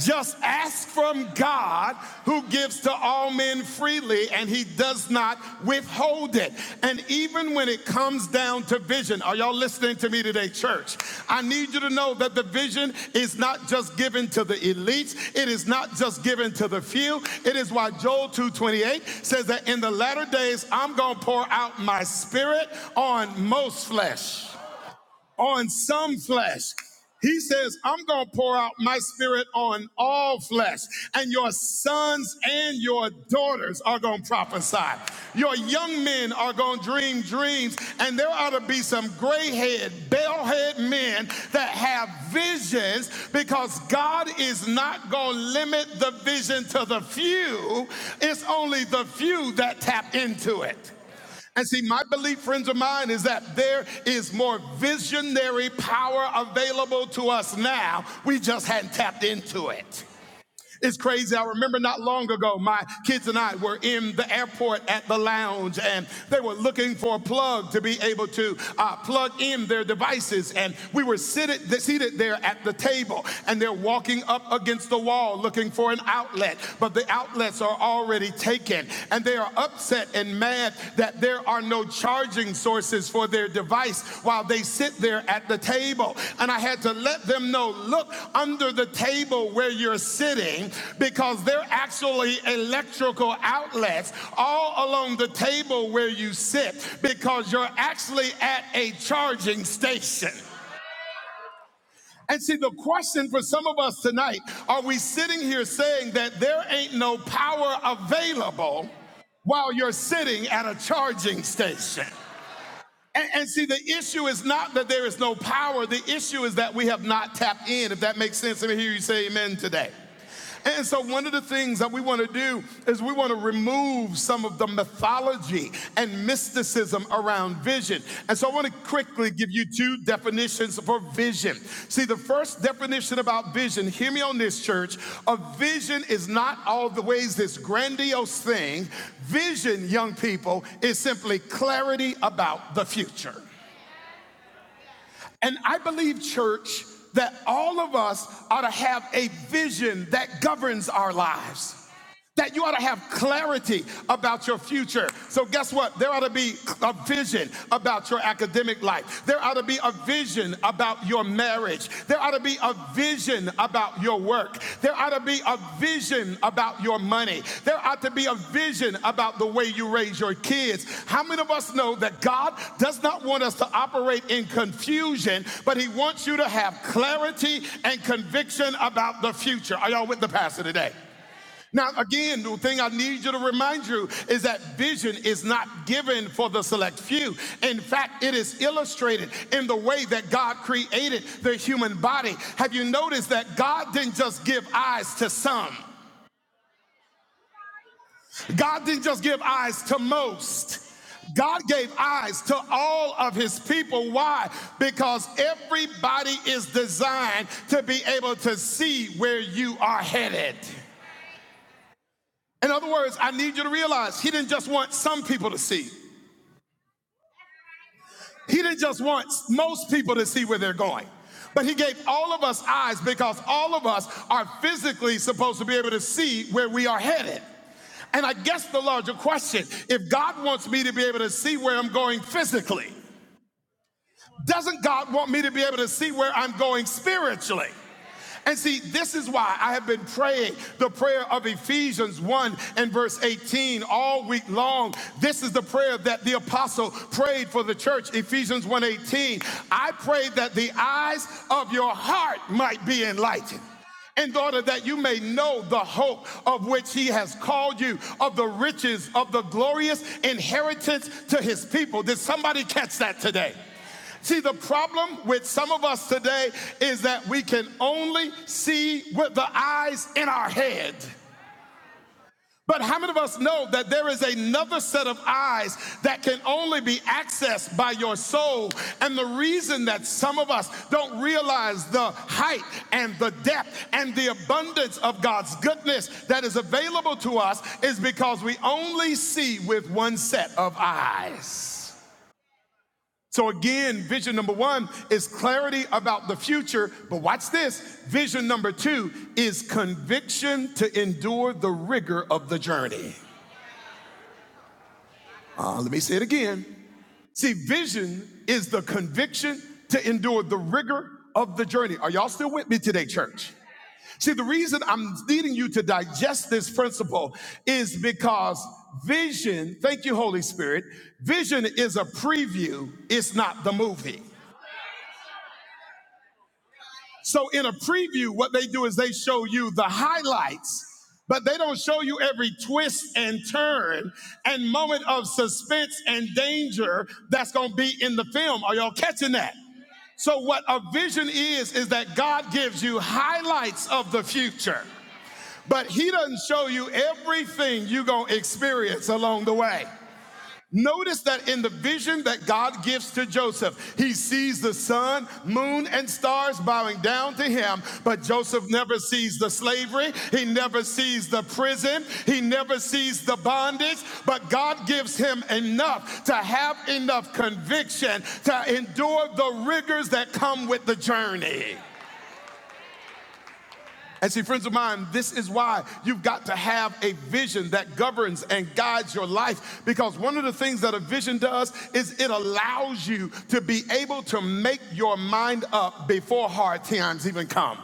[SPEAKER 1] Just ask from God who gives to all men freely and he does not withhold it. And even when it comes down to vision, are y'all listening to me today, church? I need you to know that the vision is not just given to the elites, it is not just given to the few. It is why Joel 2:28 says that in the latter days I'm going to pour out my spirit on most flesh on some flesh. He says, I'm going to pour out my spirit on all flesh, and your sons and your daughters are going to prophesy. Your young men are going to dream dreams, and there ought to be some gray head, bell head men that have visions because God is not going to limit the vision to the few. It's only the few that tap into it. And see, my belief, friends of mine, is that there is more visionary power available to us now. We just hadn't tapped into it. It's crazy. I remember not long ago, my kids and I were in the airport at the lounge, and they were looking for a plug to be able to uh, plug in their devices. And we were seated, seated there at the table, and they're walking up against the wall looking for an outlet, but the outlets are already taken, and they are upset and mad sad that there are no charging sources for their device while they sit there at the table. And I had to let them know look under the table where you're sitting because they're actually electrical outlets all along the table where you sit because you're actually at a charging station. And see, the question for some of us tonight are we sitting here saying that there ain't no power available while you're sitting at a charging station? And, and see, the issue is not that there is no power, the issue is that we have not tapped in, if that makes sense. Let me hear you say amen today. And so, one of the things that we want to do is we want to remove some of the mythology and mysticism around vision. And so I want to quickly give you two definitions for vision. See, the first definition about vision, hear me on this, church. A vision is not always this grandiose thing. Vision, young people, is simply clarity about the future. And I believe, church, that all of us ought to have a vision that governs our lives that you ought to have clarity about your future. So, guess what? There ought to be a vision about your academic life. There ought to be a vision about your marriage. There ought to be a vision about your work. There ought to be a vision about your money. There ought to be a vision about the way you raise your kids. How many of us know that God does not want us to operate in confusion, but He wants you to have clarity and conviction about the future? Are y'all with the pastor today? Now, again, the thing I need you to remind you is that vision is not given for the select few. In fact, it is illustrated in the way that God created the human body. Have you noticed that God didn't just give eyes to some, God didn't just give eyes to most. God gave eyes to all of his people. Why? Because everybody is designed to be able to see where you are headed. In other words, I need you to realize he didn't just want some people to see. He didn't just want most people to see where they're going. But he gave all of us eyes because all of us are physically supposed to be able to see where we are headed. And I guess the larger question if God wants me to be able to see where I'm going physically, Doesn't God want me to be able to see where I'm going spiritually? And see, this is why I have been praying the prayer of Ephesians 1 and verse 18 all week long. This is the prayer that the apostle prayed for the church, Ephesians one eighteen. I pray that the eyes of your heart might be enlightened. In order that you may know the hope of which he has called you, of the riches of the glorious inheritance to his people. Did somebody catch that today? See, the problem with some of us today is that we can only see with the eyes in our head. But how many of us know that there is another set of eyes that can only be accessed by your soul? And the reason that some of us don't realize the height and the depth and the abundance of God's goodness that is available to us is because we only see with one set of eyes. So again, vision number one is clarity about the future, but watch this. Vision number two is conviction to endure the rigor of the journey. Uh, let me say it again. See, vision is the conviction to endure the rigor of the journey. Are y'all still with me today, church? See, the reason I'm needing you to digest this principle is because vision, thank you, Holy Spirit, vision is a preview, it's not the movie. So in a preview, what they do is they show you the highlights, but they don't show you every twist and turn and moment of suspense and danger that's going to be in the film. Are y'all catching that? So what a vision is is that God gives you highlights of the future. But he doesn't show you everything you're going to experience along the way. Notice that in the vision that God gives to Joseph, he sees the sun, moon, and stars bowing down to him, but Joseph never sees the slavery, he never sees the prison, he never sees the bondage, but God gives him enough to have enough conviction to endure the rigors that come with the journey. And see, friends of mine, this is why you've got to have a vision that governs and guides your life. Because one of the things that a vision does is it allows you to be able to make your mind up before hard times even come.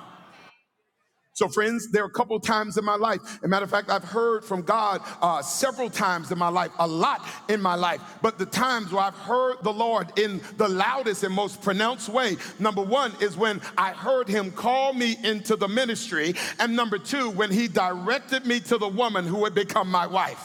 [SPEAKER 1] So, friends, there are a couple times in my life. As a matter of fact, I've heard from God uh, several times in my life, a lot in my life. But the times where I've heard the Lord in the loudest and most pronounced way, number one, is when I heard Him call me into the ministry. And number two, when He directed me to the woman who would become my wife.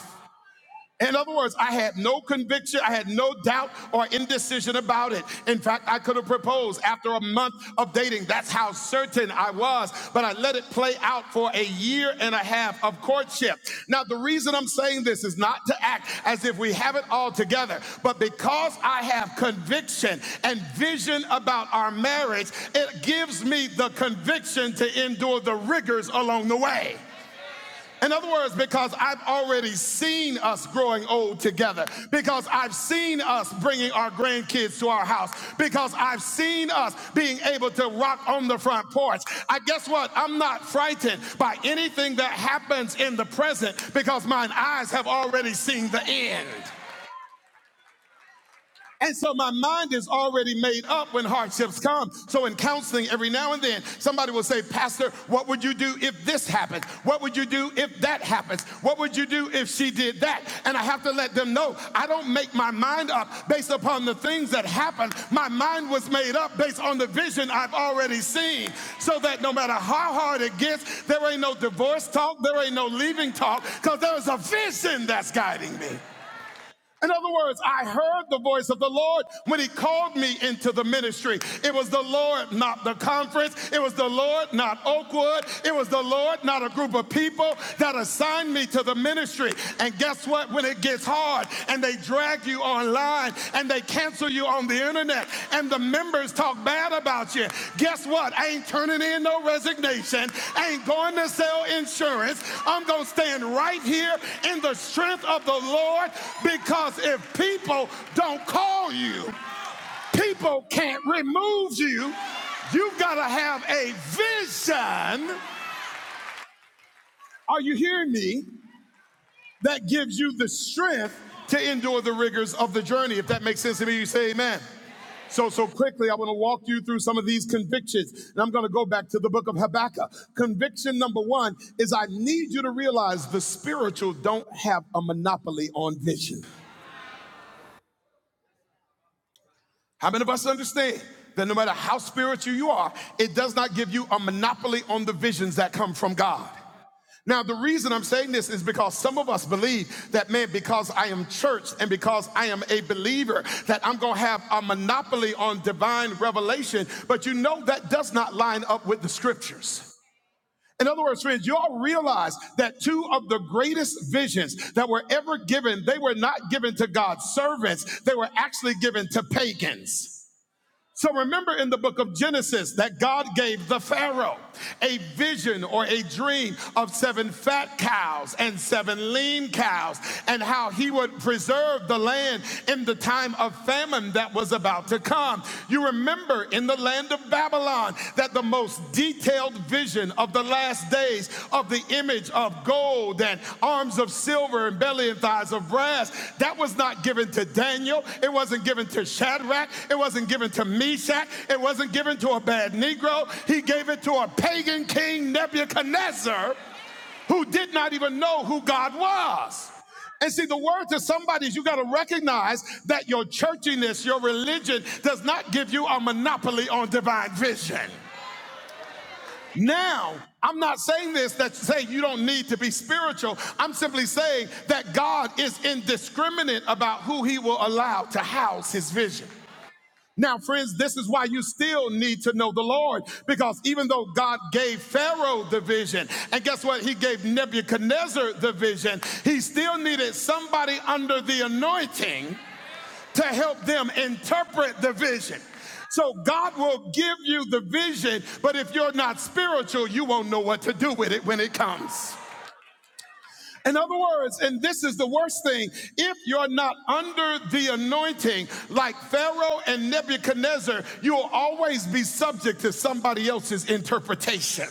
[SPEAKER 1] In other words, I had no conviction, I had no doubt or indecision about it. In fact, I could have proposed after a month of dating. That's how certain I was, but I let it play out for a year and a half of courtship. Now, the reason I'm saying this is not to act as if we have it all together, but because I have conviction and vision about our marriage, it gives me the conviction to endure the rigors along the way. In other words, because I've already seen us growing old together, because I've seen us bringing our grandkids to our house, because I've seen us being able to rock on the front porch. I guess what? I'm not frightened by anything that happens in the present because my eyes have already seen the end. And so my mind is already made up when hardships come. So in counseling, every now and then, somebody will say, Pastor, what would you do if this happened? What would you do if that happens? What would you do if she did that? And I have to let them know I don't make my mind up based upon the things that happened. My mind was made up based on the vision I've already seen. So that no matter how hard it gets, there ain't no divorce talk, there ain't no leaving talk, because there's a vision that's guiding me. In other words, I heard the voice of the Lord when He called me into the ministry. It was the Lord, not the conference. It was the Lord, not Oakwood. It was the Lord, not a group of people that assigned me to the ministry. And guess what? When it gets hard and they drag you online and they cancel you on the internet and the members talk bad about you. Guess what? I ain't turning in no resignation. I ain't going to sell insurance. I'm going to stand right here in the strength of the Lord because if people don't call you, people can't remove you. You've got to have a vision. Are you hearing me? that gives you the strength to endure the rigors of the journey. If that makes sense to me, you say amen. So, so quickly, I want to walk you through some of these convictions. And I'm going to go back to the book of Habakkuk. Conviction number one is I need you to realize the spiritual don't have a monopoly on vision. How many of us understand that no matter how spiritual you are, it does not give you a monopoly on the visions that come from God? Now, the reason I'm saying this is because some of us believe that, man, because I am church and because I am a believer, that I'm going to have a monopoly on divine revelation. But you know that does not line up with the scriptures. In other words, friends, y'all realize that two of the greatest visions that were ever given, they were not given to God's servants. They were actually given to pagans. So remember in the book of Genesis that God gave the Pharaoh a vision or a dream of seven fat cows and seven lean cows and how he would preserve the land in the time of famine that was about to come. You remember in the land of Babylon that the most detailed vision of the last days of the image of gold and arms of silver silver and belly and thighs of brass. That was not given to Daniel. It wasn't given to Shadrach. It wasn't given to Meshach. It wasn't given to a bad Negro. He gave it to a pagan king, Nebuchadnezzar, who did not even know who God was. And see, the word to somebody is you got to recognize that your churchiness, your religion, does not give you a monopoly on divine vision. Now, I'm not saying this that say you don't need to be spiritual. I'm simply saying that God is indiscriminate about who he will allow to house his vision. Now, friends, this is why you still need to know the Lord, because even though God gave Pharaoh the vision, and guess what? He gave Nebuchadnezzar the vision, he still needed somebody under the anointing to help them interpret the vision. So God will give you the vision, but if you're not spiritual, you won't know what to do with it when it comes. In other words, and this is the worst thing, if you're not under the anointing, like Pharaoh and Nebuchadnezzar, you'll always be subject to somebody else's interpretation.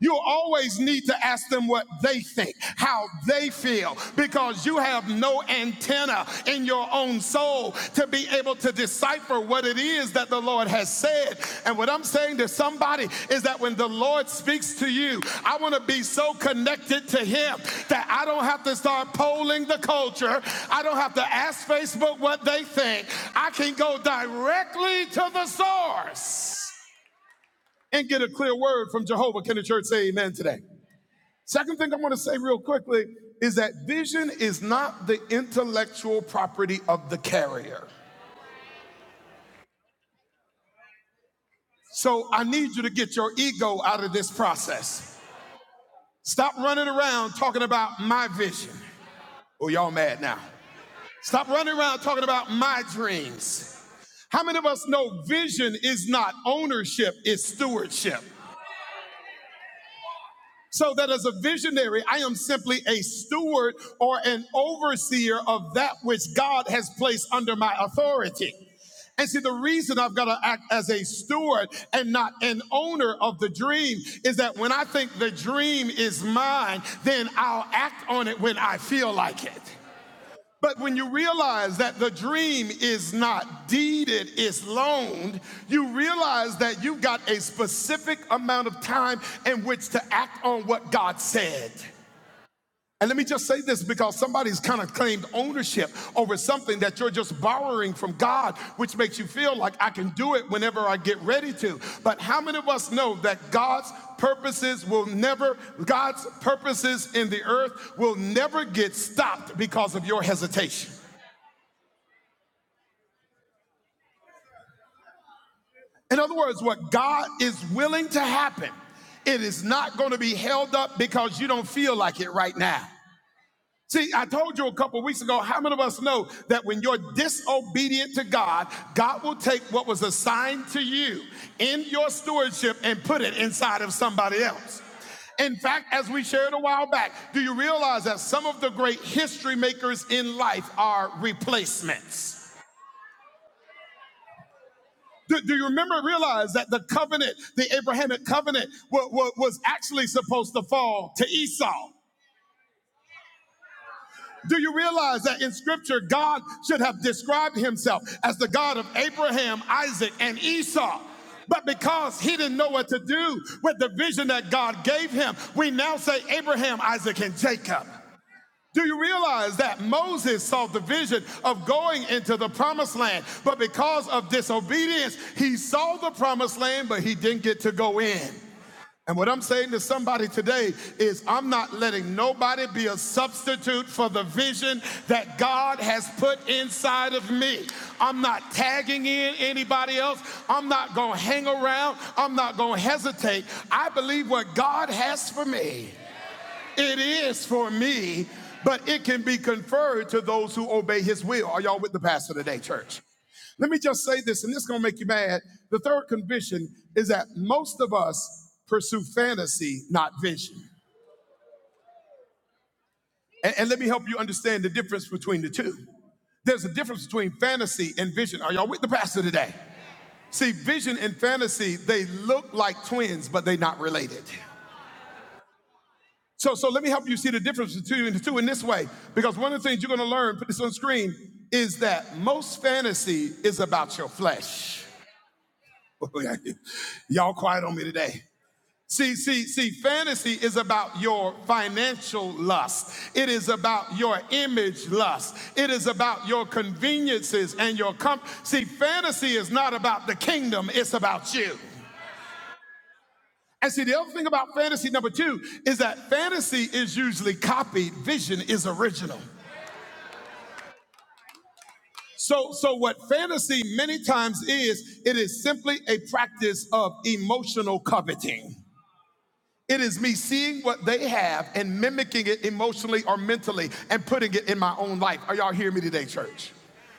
[SPEAKER 1] You'll always need to ask them what they think, how they feel, because you have no antenna in your own soul to be able to decipher what it is that the Lord has said. And what I'm saying to somebody is that when the Lord speaks to you, I want to be so connected to Him that I don't have to start polling the culture. I don't have to ask Facebook what they think. I can go directly to the source and get a clear word from Jehovah. Can the church say amen today? Second thing I'm going to say real quickly is that vision is not the intellectual property of the carrier. So I need you to get your ego out of this process. Stop running around talking about my vision. Oh, y'all mad now. Stop running around talking about my dreams. How many of us know vision is not ownership, it's stewardship? So that as a visionary, I am simply a steward or an overseer of that which God has placed under my authority. And see, the reason I've got to act as a steward and not an owner of the dream is that when I think the dream is mine, then I'll act on it when I feel like it. But when you realize that the dream is not deeded, it's loaned, you realize that you've got a specific amount of time in which to act on what God said. And let me just say this because somebody's kind of claimed ownership over something that you're just borrowing from God, which makes you feel like I can do it whenever I get ready to. But how many of us know that God's purposes will never, God's purposes in the earth will never get stopped because of your hesitation? In other words, what God is willing to happen, it is not going to be held up because you don't feel like it right now. See, I told you a couple weeks ago, how many of us know that when you're disobedient to God, God will take what was assigned to you in your stewardship and put it inside of somebody else? In fact, as we shared a while back, do you realize that some of the great history makers in life are replacements? Do, do you remember realize that the covenant, the Abrahamic covenant, wa- wa- was actually supposed to fall to Esau? Do you realize that in scripture, God should have described himself as the God of Abraham, Isaac, and Esau? But because he didn't know what to do with the vision that God gave him, we now say Abraham, Isaac, and Jacob. Do you realize that Moses saw the vision of going into the promised land, but because of disobedience, he saw the promised land, but he didn't get to go in. And what I'm saying to somebody today is, I'm not letting nobody be a substitute for the vision that God has put inside of me. I'm not tagging in anybody else. I'm not going to hang around. I'm not going to hesitate. I believe what God has for me. It is for me, but it can be conferred to those who obey his will. Are y'all with the pastor today, church? Let me just say this, and this is going to make you mad. The third conviction is that most of us pursue fantasy, not vision. And, and let me help you understand the difference between the two. There's a difference between fantasy and vision. Are y'all with the pastor today? See, vision and fantasy, they look like twins, but they're not related. So, so let me help you see the difference between the two in this way. Because one of the things you're going to learn, put this on screen, is that most fantasy is about your flesh. Y'all quiet on me today. See, see, see, fantasy is about your financial lust. It is about your image lust. It is about your conveniences and your comfort. See, fantasy is not about the kingdom, it's about you. And see, the other thing about fantasy number two is that fantasy is usually copied, vision is original. So, so what fantasy many times is, it is simply a practice of emotional coveting. It is me seeing what they have and mimicking it emotionally or mentally and putting it in my own life. Are y'all hearing me today, church?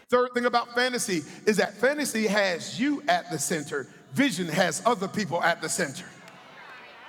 [SPEAKER 1] Third thing about fantasy is that fantasy has you at the center, vision has other people at the center.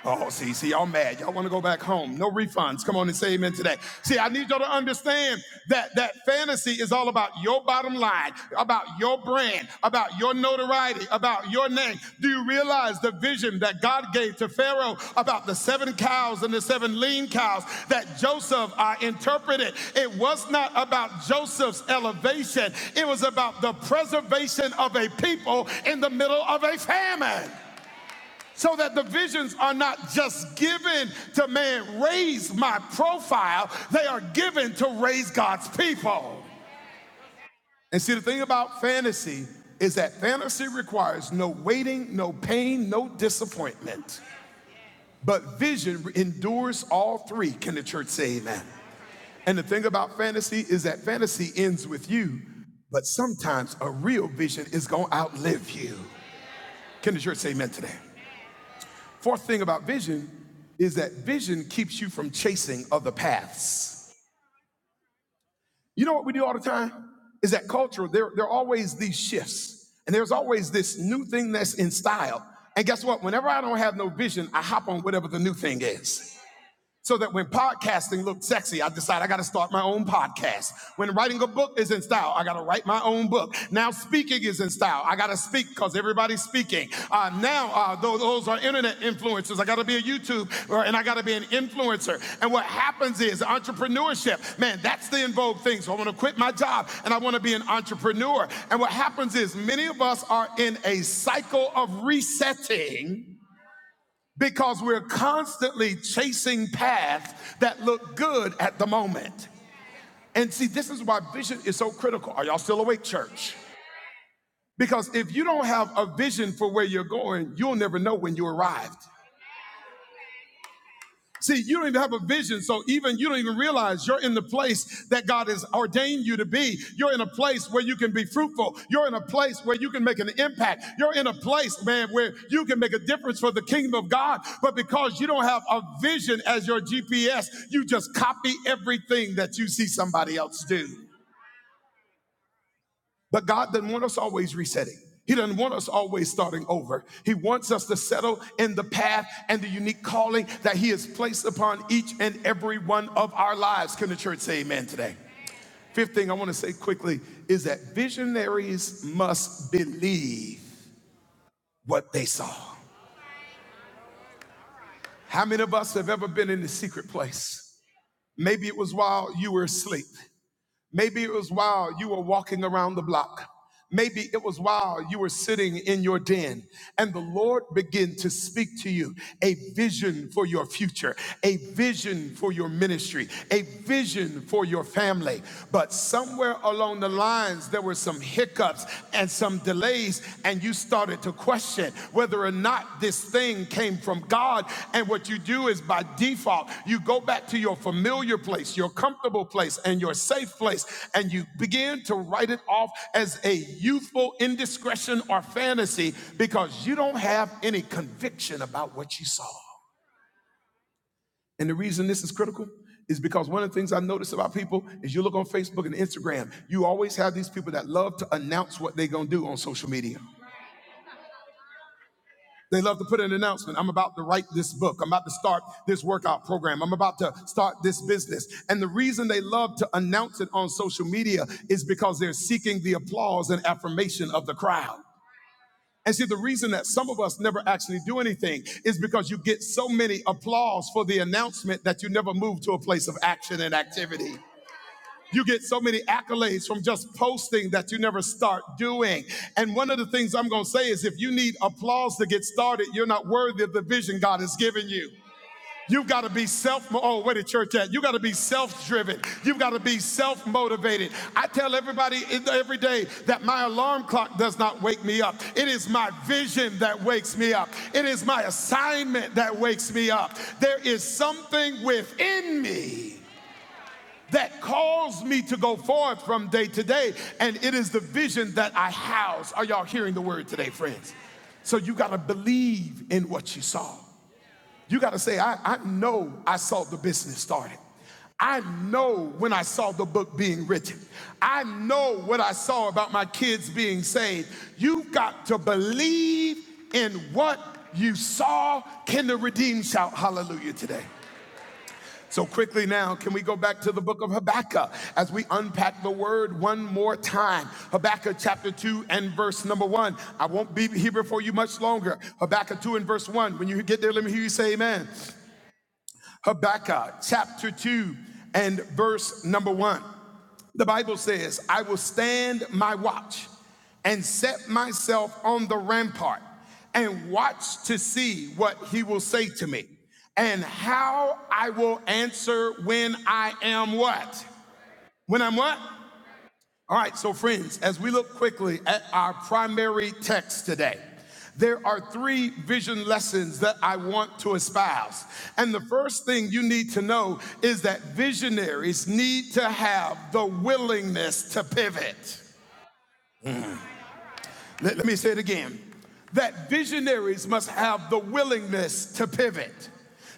[SPEAKER 1] Oh, see, see, y'all mad. Y'all want to go back home. No refunds. Come on and say amen today. See, I need y'all to understand that that fantasy is all about your bottom line, about your brand, about your notoriety, about your name. Do you realize the vision that God gave to Pharaoh about the seven cows and the seven lean cows that Joseph uh, interpreted? It was not about Joseph's elevation. It was about the preservation of a people in the middle of a famine so that the visions are not just given to man, raise my profile, they are given to raise God's people. And see, the thing about fantasy is that fantasy requires no waiting, no pain, no disappointment. But vision endures all three. Can the church say amen? And the thing about fantasy is that fantasy ends with you, but sometimes a real vision is gonna outlive you. Can the church say amen today? Fourth thing about vision is that vision keeps you from chasing other paths. You know what we do all the time? Is that culture, there, there are always these shifts, and there's always this new thing that's in style. And guess what? Whenever I don't have no vision, I hop on whatever the new thing is so that when podcasting looked sexy, I decide I got to start my own podcast. When writing a book is in style, I got to write my own book. Now speaking is in style. I got to speak because everybody's speaking. Uh, now uh, those, those are internet influencers. I got to be a YouTube and I got to be an influencer. And what happens is entrepreneurship, man, that's the in vogue thing. So I want to quit my job and I want to be an entrepreneur. And what happens is many of us are in a cycle of resetting because we're constantly chasing paths that look good at the moment. And see, this is why vision is so critical. Are y'all still awake, church? Because if you don't have a vision for where you're going, you'll never know when you arrived. See, you don't even have a vision, so even you don't even realize you're in the place that God has ordained you to be. You're in a place where you can be fruitful. You're in a place where you can make an impact. You're in a place, man, where you can make a difference for the kingdom of God. But because you don't have a vision as your GPS, you just copy everything that you see somebody else do. But God doesn't want us always resetting. He doesn't want us always starting over. He wants us to settle in the path and the unique calling that He has placed upon each and every one of our lives. Can the church say amen today? Fifth thing I want to say quickly is that visionaries must believe what they saw. How many of us have ever been in the secret place? Maybe it was while you were asleep. Maybe it was while you were walking around the block. Maybe it was while you were sitting in your den and the Lord began to speak to you a vision for your future, a vision for your ministry, a vision for your family. But somewhere along the lines, there were some hiccups and some delays, and you started to question whether or not this thing came from God. And what you do is by default, you go back to your familiar place, your comfortable place, and your safe place, and you begin to write it off as a youthful indiscretion or fantasy because you don't have any conviction about what you saw. And the reason this is critical is because one of the things I notice about people is you look on Facebook and Instagram, you always have these people that love to announce what they're gonna do on social media. They love to put an announcement. I'm about to write this book. I'm about to start this workout program. I'm about to start this business. And the reason they love to announce it on social media is because they're seeking the applause and affirmation of the crowd. And see, the reason that some of us never actually do anything is because you get so many applause for the announcement that you never move to a place of action and activity. You get so many accolades from just posting that you never start doing. And one of the things I'm going to say is if you need applause to get started, you're not worthy of the vision God has given you. You've got to be self. Oh, where the church at? You got to be self-driven. You've got to be self-motivated. I tell everybody every day that my alarm clock does not wake me up. It is my vision that wakes me up. It is my assignment that wakes me up. There is something within me that calls me to go forward from day to day. And it is the vision that I house. Are y'all hearing the word today, friends? So you got to believe in what you saw. You got to say, I, I know I saw the business started. I know when I saw the book being written. I know what I saw about my kids being saved. You got to believe in what you saw. Can the redeemed shout hallelujah today? So, quickly now, can we go back to the book of Habakkuk as we unpack the word one more time? Habakkuk chapter 2 and verse number 1. I won't be here before you much longer. Habakkuk 2 and verse 1. When you get there, let me hear you say amen. Habakkuk chapter 2 and verse number 1. The Bible says, I will stand my watch and set myself on the rampart and watch to see what he will say to me and how I will answer when I am what? When I'm what? All right, so friends, as we look quickly at our primary text today, there are three vision lessons that I want to espouse. And the first thing you need to know is that visionaries need to have the willingness to pivot. Let, let me say it again that visionaries must have the willingness to pivot.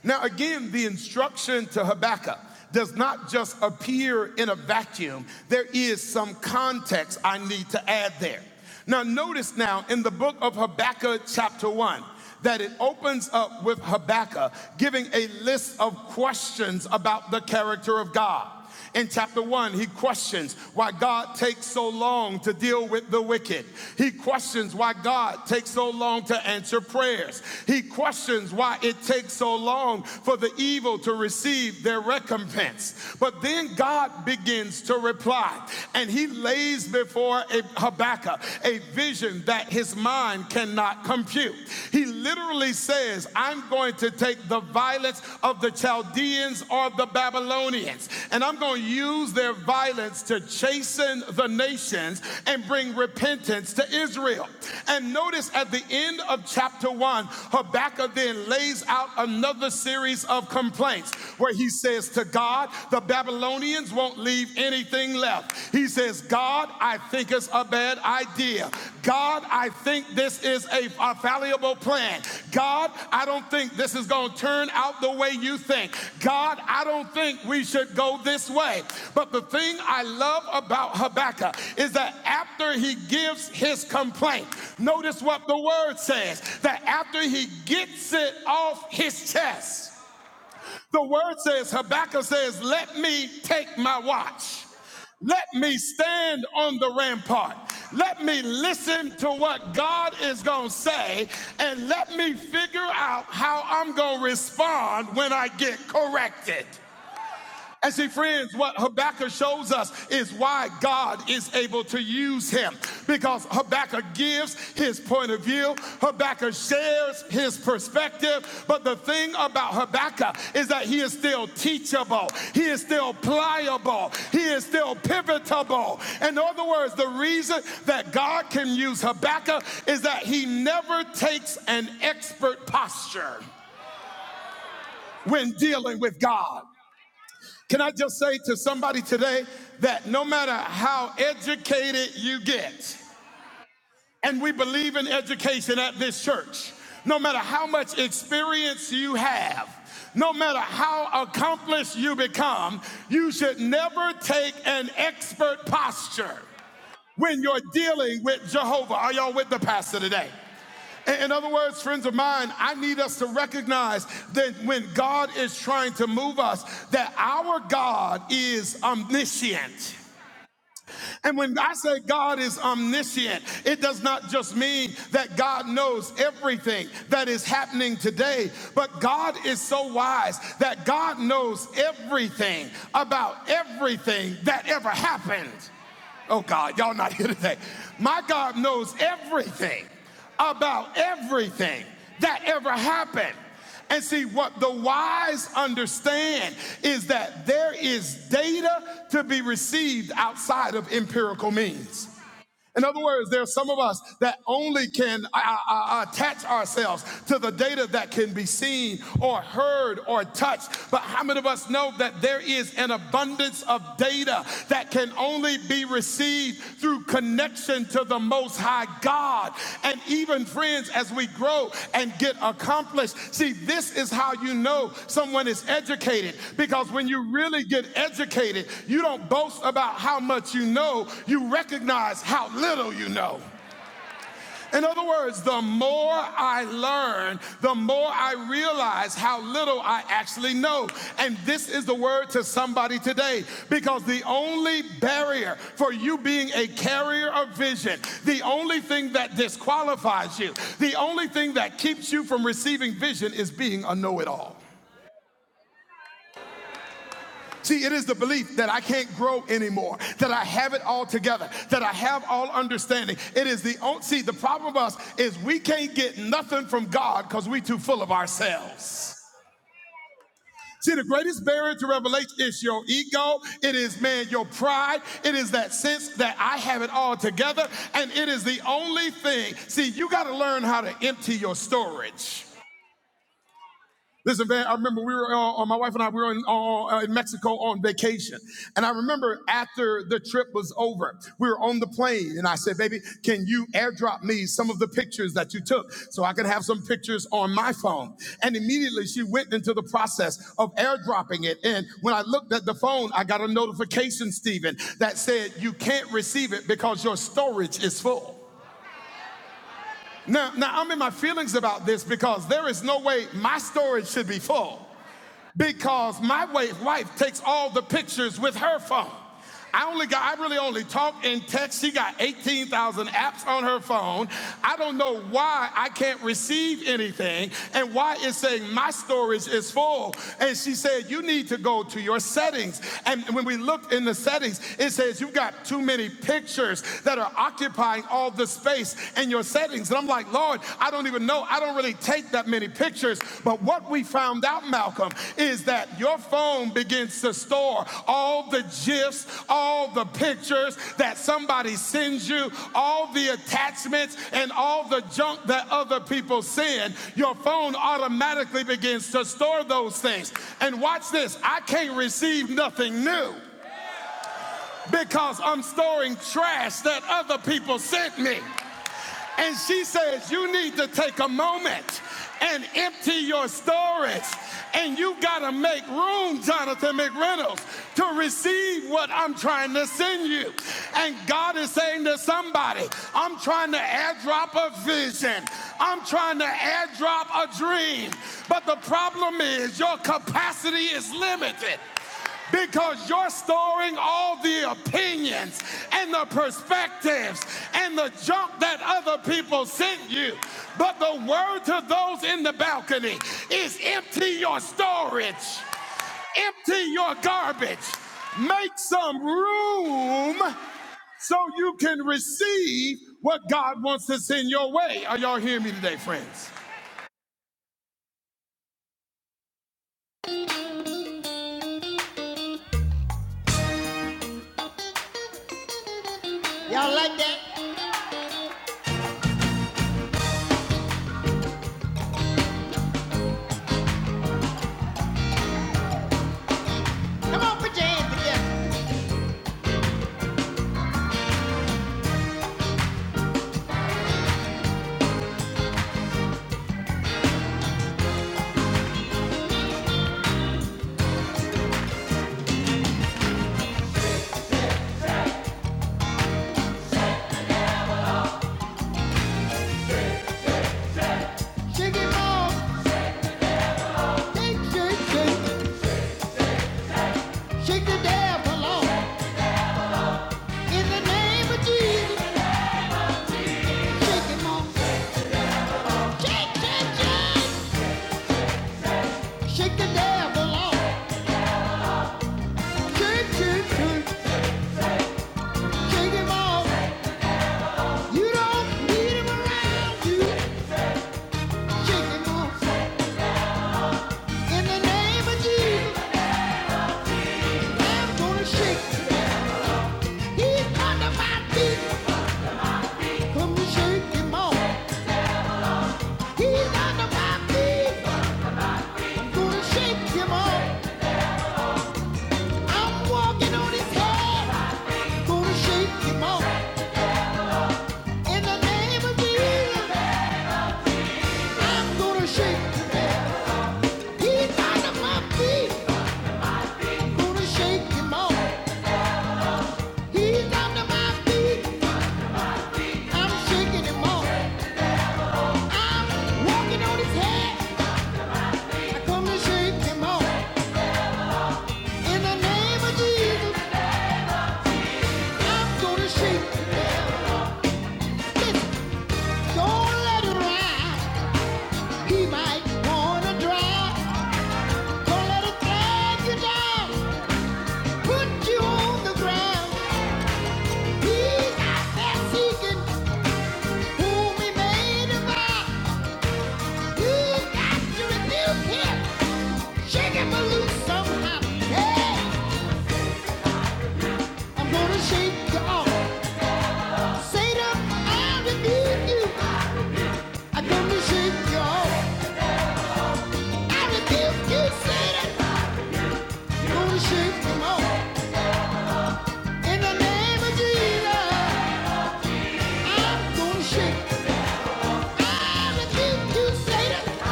[SPEAKER 1] Now, again, the instruction to Habakkuk does not just appear in a vacuum, there is some context I need to add there. Now, notice now in the book of Habakkuk, chapter 1, that it opens up with Habakkuk giving a list of questions about the character of God. God. In chapter 1, he questions why God takes so long to deal with the wicked. He questions why God takes so long to answer prayers. He questions why it takes so long for the evil to receive their recompense. But then God begins to reply, and he lays before Habakkuk a vision that his mind cannot compute. He literally literally says, I'm going to take the violence of the Chaldeans or the Babylonians, and I'm going to use their violence to chasten the nations and bring repentance to Israel. And notice at the end of chapter one, Habakkuk then lays out another series of complaints where he says to God, The Babylonians won't leave anything left. He says, is God, I think it's a bad idea. God, I think this is a, a fallible plan. God, I don't think this is going to turn out the way you think. God, I don't think we should go this way. But the thing I love about Habakkuk is that after he gives his complaint, notice what the word says that after he gets it off his chest, the word says, Habakkuk says, Let me take my watch. Let me stand on the rampart. Let me listen to what God is going to say and let me figure out how I'm going to respond when I get corrected. And see, friends, what Habakkuk shows us is why God is able to use him. Because Habakkuk gives his point of view, Habakkuk shares his perspective. But the thing about Habakkuk is that he is still teachable, he is still pliable, he is still pivotable. In other words, the reason that God can use Habakkuk is that he never takes an expert posture when dealing with God. Can I just say to somebody today that no matter how educated you get, and we believe in education at this church, no matter how much experience you have, no matter how accomplished you become, you should never take an expert posture when you're dealing with Jehovah. Are y'all with the pastor today? In other words, friends of mine, I need us to recognize that when God is trying to move us, that our God is omniscient. And when I say God is omniscient, it does not just mean that God knows everything that is happening today, but God is so wise that God knows everything about everything that ever happened. Oh God, y'all not here today. My God knows everything about everything that ever happened. And see, what the wise understand is that there is data to be received outside of empirical means. In other words, there are some of us that only can uh, uh, uh, attach ourselves to the data that can be seen or heard or touched. But how many of us know that there is an abundance? abundance of data that can only be received through connection to the Most High God. And even friends, as we grow and get accomplished, see, this is how you know someone is educated because when you really get educated, you don't boast about how much you know, you recognize how little you know. In other words, the more I learn, the more I realize how little I actually know. And this is the word to somebody today because the only barrier for you being a carrier of vision, the only thing that disqualifies you, the only thing that keeps you from receiving vision is being a know it all. See, it is the belief that I can't grow anymore, that I have it all together, that I have all understanding. It is the only see, the problem with us is we can't get nothing from God because we too full of ourselves. See, the greatest barrier to revelation is your ego. It is, man, your pride. It is that sense that I have it all together. And it is the only thing. See, you got to learn how to empty your storage. Listen, man, I remember we were on, my wife and I, we were in, uh, uh, in Mexico on vacation. And I remember after the trip was over, we were on the plane and I said, baby, can you airdrop me some of the pictures that you took so I can have some pictures on my phone? And immediately she went into the process of airdropping it. And when I looked at the phone, I got a notification, Stephen, that said, you can't receive it because your storage is full. Now, now I'm in my feelings about this because there is no way my storage should be full because my wife takes all the pictures with her phone. I only got, I really only talk and text. She got 18,000 apps on her phone. I don't know why I can't receive anything and why it's saying my storage is full. And she said, you need to go to your settings. And when we looked in the settings, it says you've got too many pictures that are occupying all the space in your settings. And I'm like, Lord, I don't even know. I don't really take that many pictures. But what we found out, Malcolm, is that your phone begins to store all the GIFs, all the pictures that somebody sends you, all the attachments, and all the junk that other people send. Your phone automatically begins to store those things. And watch this I can't receive nothing new because I'm storing trash that other people sent me. And she says, You need to take a moment and empty your storage. And you got to make room, Jonathan McReynolds, to receive what I'm trying to send you. And God is saying to somebody, I'm trying to airdrop a vision, I'm trying to airdrop a dream. But the problem is, your capacity is limited because you're storing all the opinions and the perspectives and the junk that other people sent you. But the word to those in the balcony is empty your storage, empty your garbage, make some room so you can receive what God wants to send your way. Are y'all hearing me today, friends? Shake it, off, Shake, shake, shake. Shake the devil off. In the name of Jesus, shake him off. Shake, shake, shake. Shake the devil off. Shake, shake, shake. Shake him off. You don't need him around you. Shake him off. In the name of Jesus, I'm gonna shake. He's under my feet. Come and shake him off. He's under my feet. Gonna shake him off. I'm walking on his head. Gonna shake him off. Every under my feet. Gonna shake him in the name of Jesus. I'm gonna shoot. Listen, don't let it ride. He might wanna drive. Don't let it drag you down. Put you on the ground. He's out there seeking whom he may You got to rebuke him. Shake him loose somehow. Yeah, I'm gonna shake you off. Satan, I rebuke you. I'm gonna shake you off. I rebuke you, Satan. gonna shake him off. In the name of Jesus, I'm gonna shake. I rebuke you, Satan.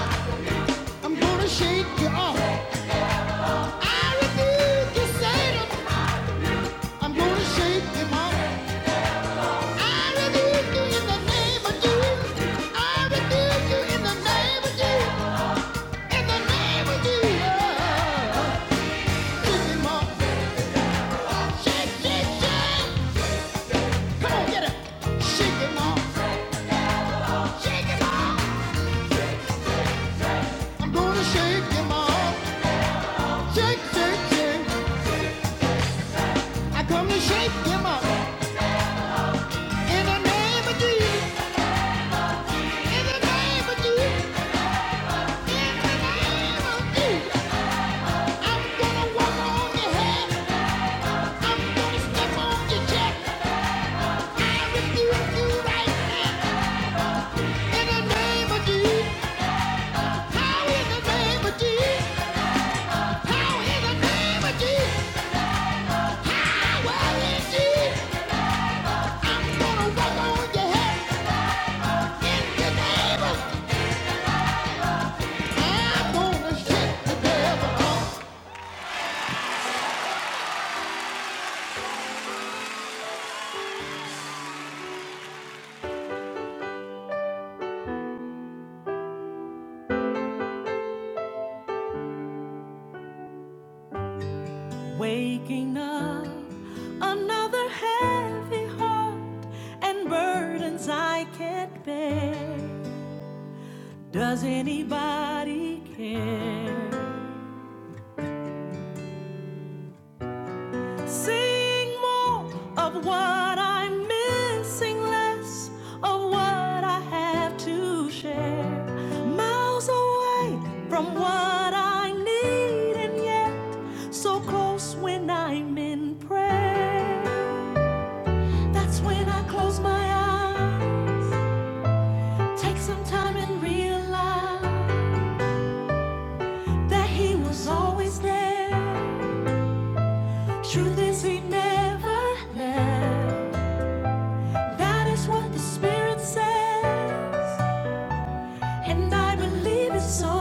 [SPEAKER 1] I'm gonna shake you off. I rebuke you, Satan. I'm gonna shake him off. I rebuke you in the name of Jesus. I rebuke you in the name of Jesus. In the name of Jesus, shake him off. Shake, shake, shake. Come on, get it. Shake him off. Shake him off. I'm gonna shake him. Shake, shake, shake. I come to shake him off. In the name of Jesus. Waking up, another heavy heart and burdens I can't bear. Does anybody care? Sing more of what I'm missing, less of what I have to share. Miles away from what I need, and yet so close when I'm in prayer. That's when I close my eyes, take some time and realize that He was always there. Truth is, He never left. That is what the Spirit says. and I believe it's so.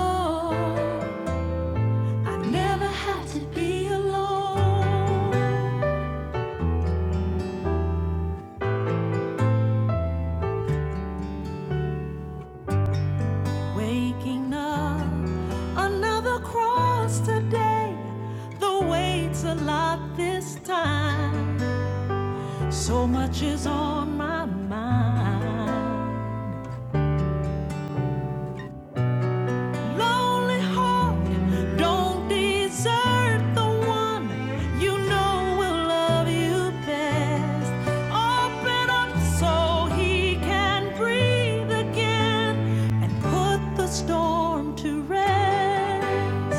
[SPEAKER 1] I never had to be alone. Waking up, another cross today. The weight's a lot this time. So much is on my mind. Lonely heart, don't desert the one you know will love you best. Open up so he can breathe again and put the storm to rest.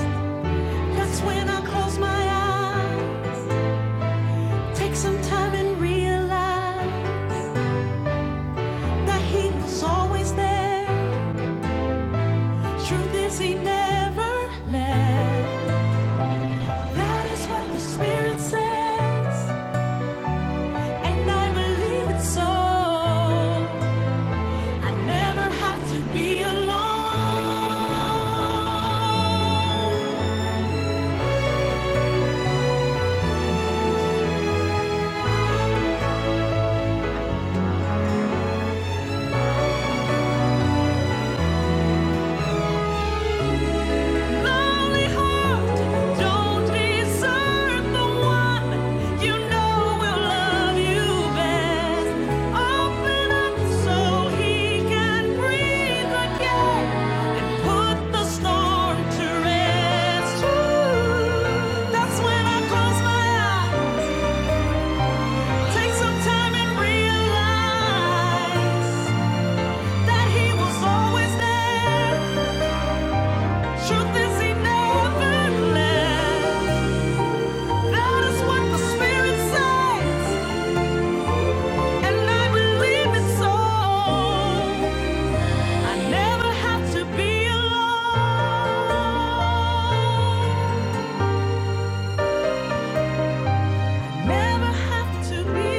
[SPEAKER 1] when I close my eyes, take some time and realize that he was always there. Truth is, he never left. That is what the Spirit says, and I believe it so. I never have to be alone. Lonely heart, don't desert the one you know will love you best. Open up so he can breathe again and put the storm to rest. Ooh, That's when I close my eyes. Take some time and realize that he was always there. Truth is, he never left. That is what the Spirit says, and I believe it's so. I never have to be alone. Never have to be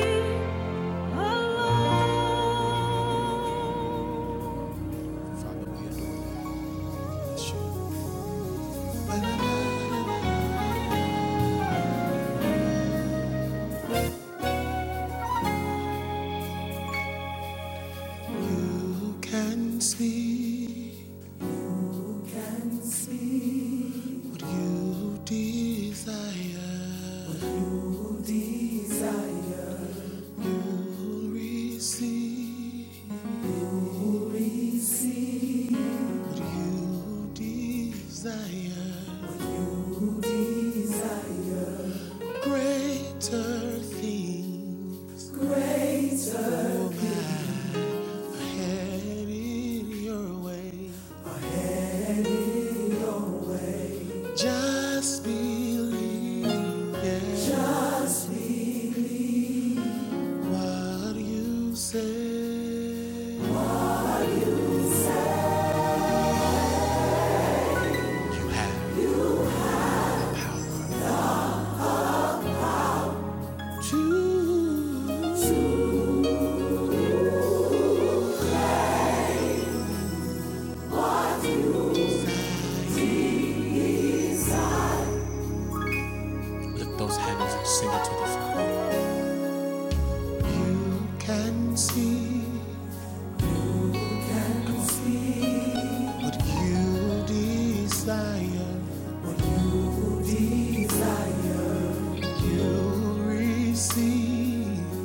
[SPEAKER 1] alone. can see what you desire. You'll receive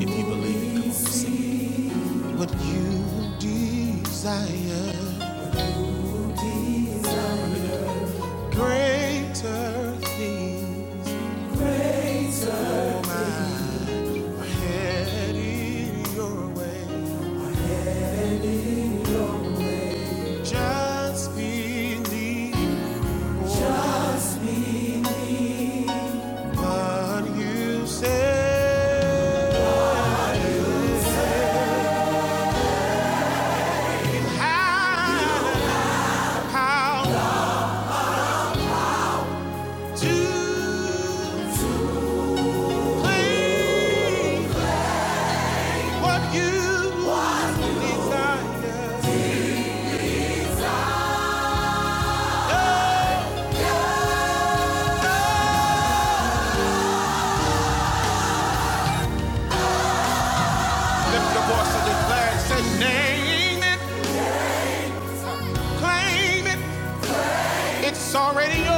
[SPEAKER 1] if you believe it. Come on, sing it. What you desire, greater. Lift your voice and declare it. Say, name it, claim it. It's already yours.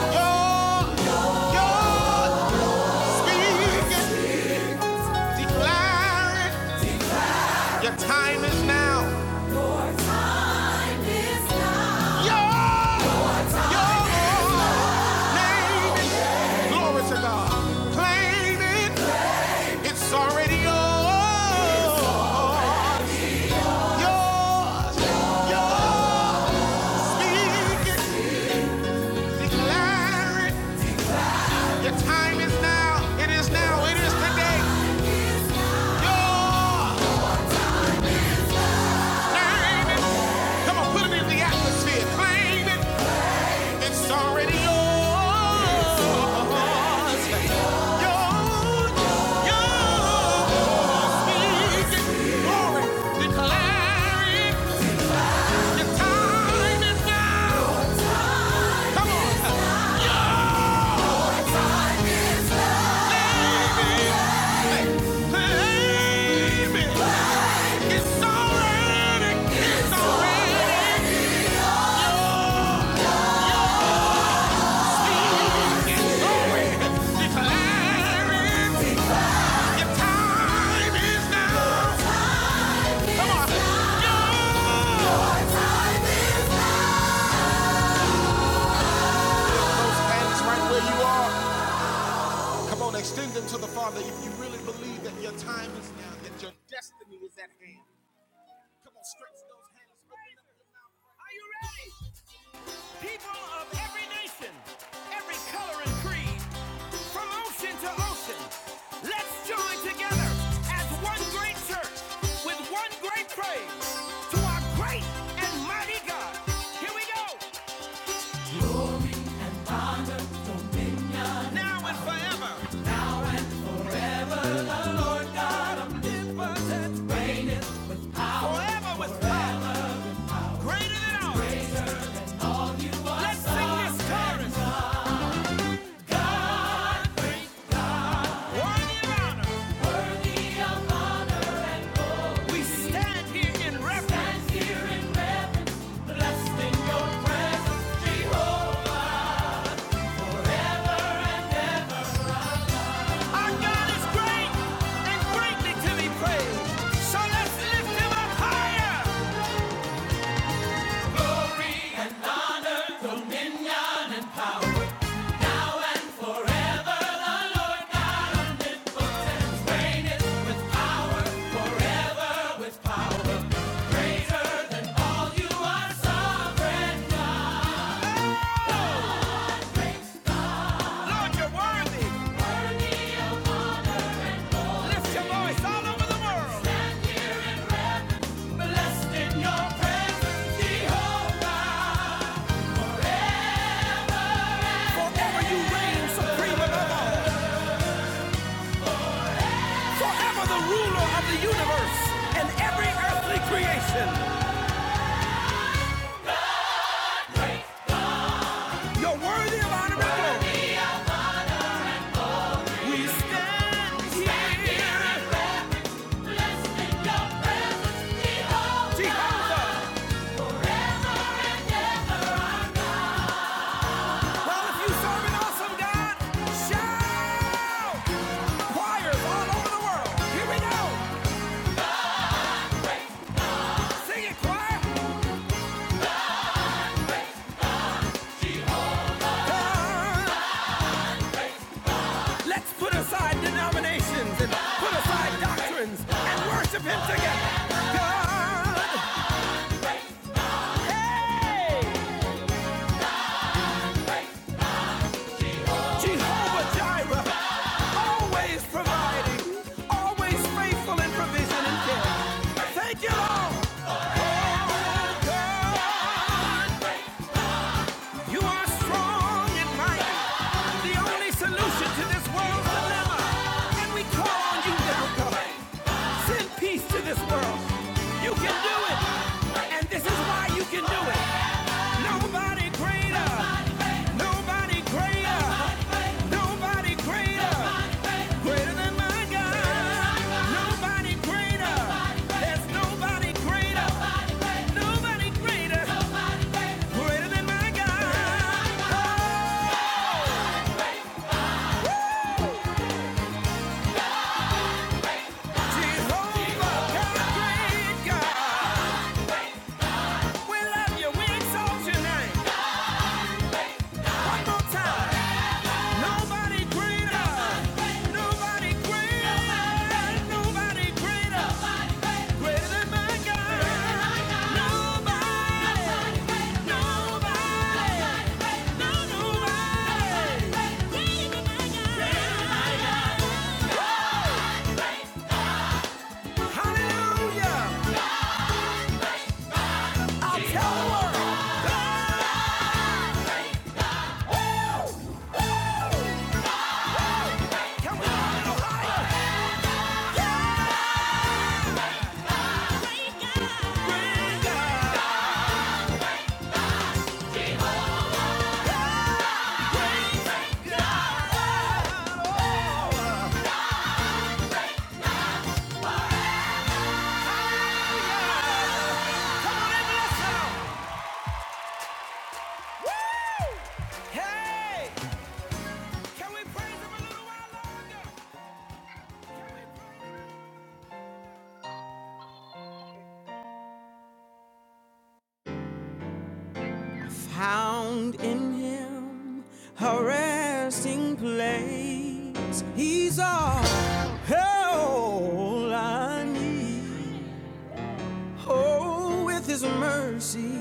[SPEAKER 1] Yours, yours. Speak it, declare it. Your time is now. Yours, yours. Glory to God. Claim it. It's already yours. Yours. Speak it. Declare it. Your time is now. It is now. It is today. Yours. Come on, put it in the atmosphere. Claim it. It's already yours. Time is now. Claim it. It's already. It's Declare it. Time is now. Go. Go! Those hands right where you are. Come on, extend them to the Father if you really believe that your time is now. That your come on, hands open up your mouth. Are you ready? People of every nation, every color and creed, from ocean to ocean, let's join together as one great church with one great praise to our great and mighty God. Here we go, now and forever. So let's Lord, you're worthy. Lift your voice all over the world. Blessed your presence, Forever you reign supreme above all. Forever the ruler of the universe and every earthly creation. You're worthy of honor and glory. We stand here, Jehovah. Well, if you serve an awesome God, shout! Choirs all over the world. Here we go. Sing it, choir. Let's put aside denominations and put aside doctrines and worship Him together. God, hey, Jehovah Jireh, always providing, always faithful in provision and care. Thank you, Lord. Oh, God. You are strong and mighty, the only solution to this world's dilemma. And we call on you God. Send peace to this world. You can do it. And this is why you can do it. Nobody greater. Nobody greater. Nobody greater. Greater than my God. Nobody greater. There's nobody greater. Nobody greater. Greater than my God. Jehovah, God, great God. We love you. We exalt your name. One more time. Nobody greater. Nobody greater. Nobody greater. Greater than my God. Nobody. Nobody. No, nobody. Greater than my God. Greater than my God. Oh. Hey. Found in him a resting place. He's all, all I need. Oh, with his mercy,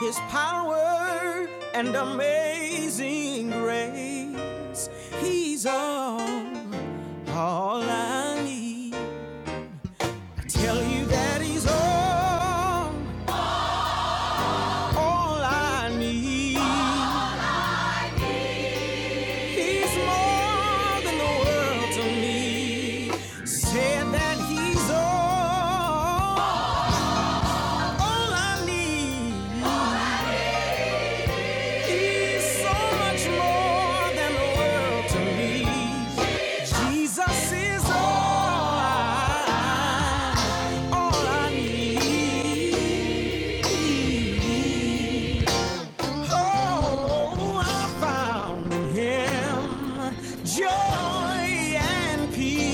[SPEAKER 1] his power, and amazing grace, he's all, all I need. Oh, it's world to me. is all I, all I need. I found in him joy and peace.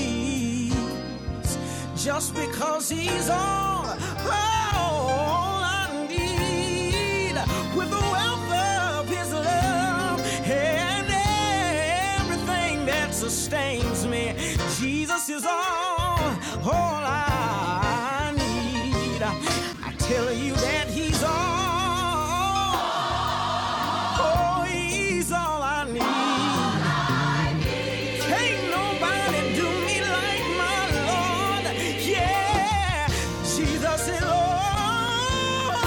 [SPEAKER 1] I, Ain't nobody do me like my Lord. Yeah, Jesus is Lord.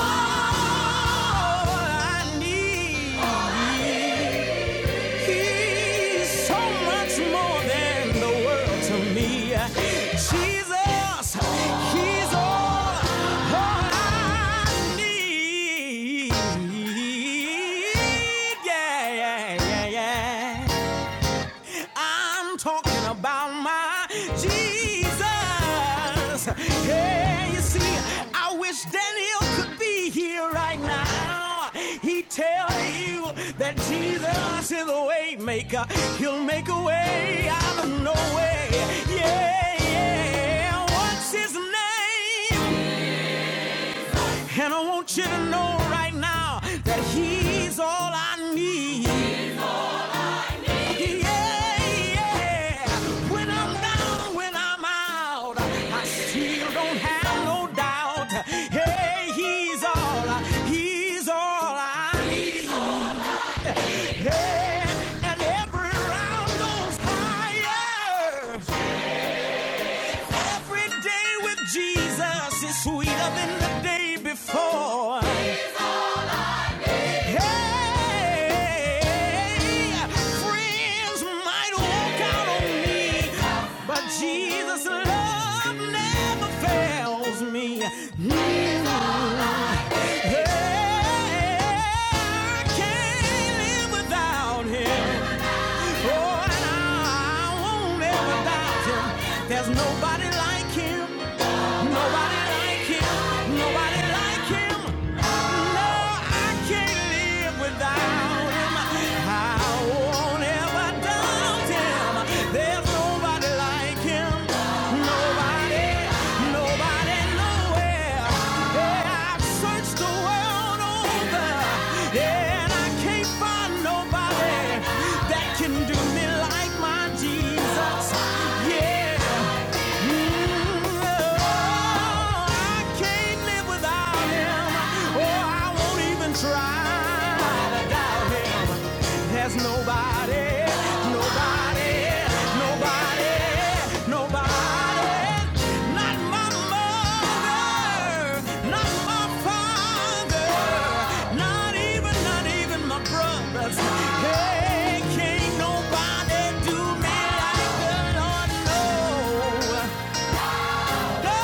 [SPEAKER 1] I need. He's so much more than the world to me. Jesus, He's all, all I need. Yeah, yeah, yeah, yeah. I'm talking about my Jesus. Yeah, you see, I wish Daniel could be here right now. He tell you that Jesus is the way maker. He'll make a way out of no way. Yeah, what's his name? That he's all I need. Yeah, yeah. When I'm down, when I'm out, I still don't have no doubt. Hey, he's all, he's all I need. Hey, and every round goes higher. Every day with Jesus is sweeter than the day before. Hey, friends might walk out on me, but Jesus' love never fails me. Hey, I can't live without him. Oh, and I won't live without him. There's nobody like him. Nobody like him. Nobody like him. No, I can't live without him. I won't ever doubt him. There's nobody like him. Nobody, nobody, nowhere. Yeah, I've searched the world over, Yeah, and I can't find nobody that can do me like my Jesus. Yeah. There's Nobody, nobody, nobody, nobody. Not my mother, not my father, not even, not even my brothers. Hey, can't nobody do me like the Lord, no. No,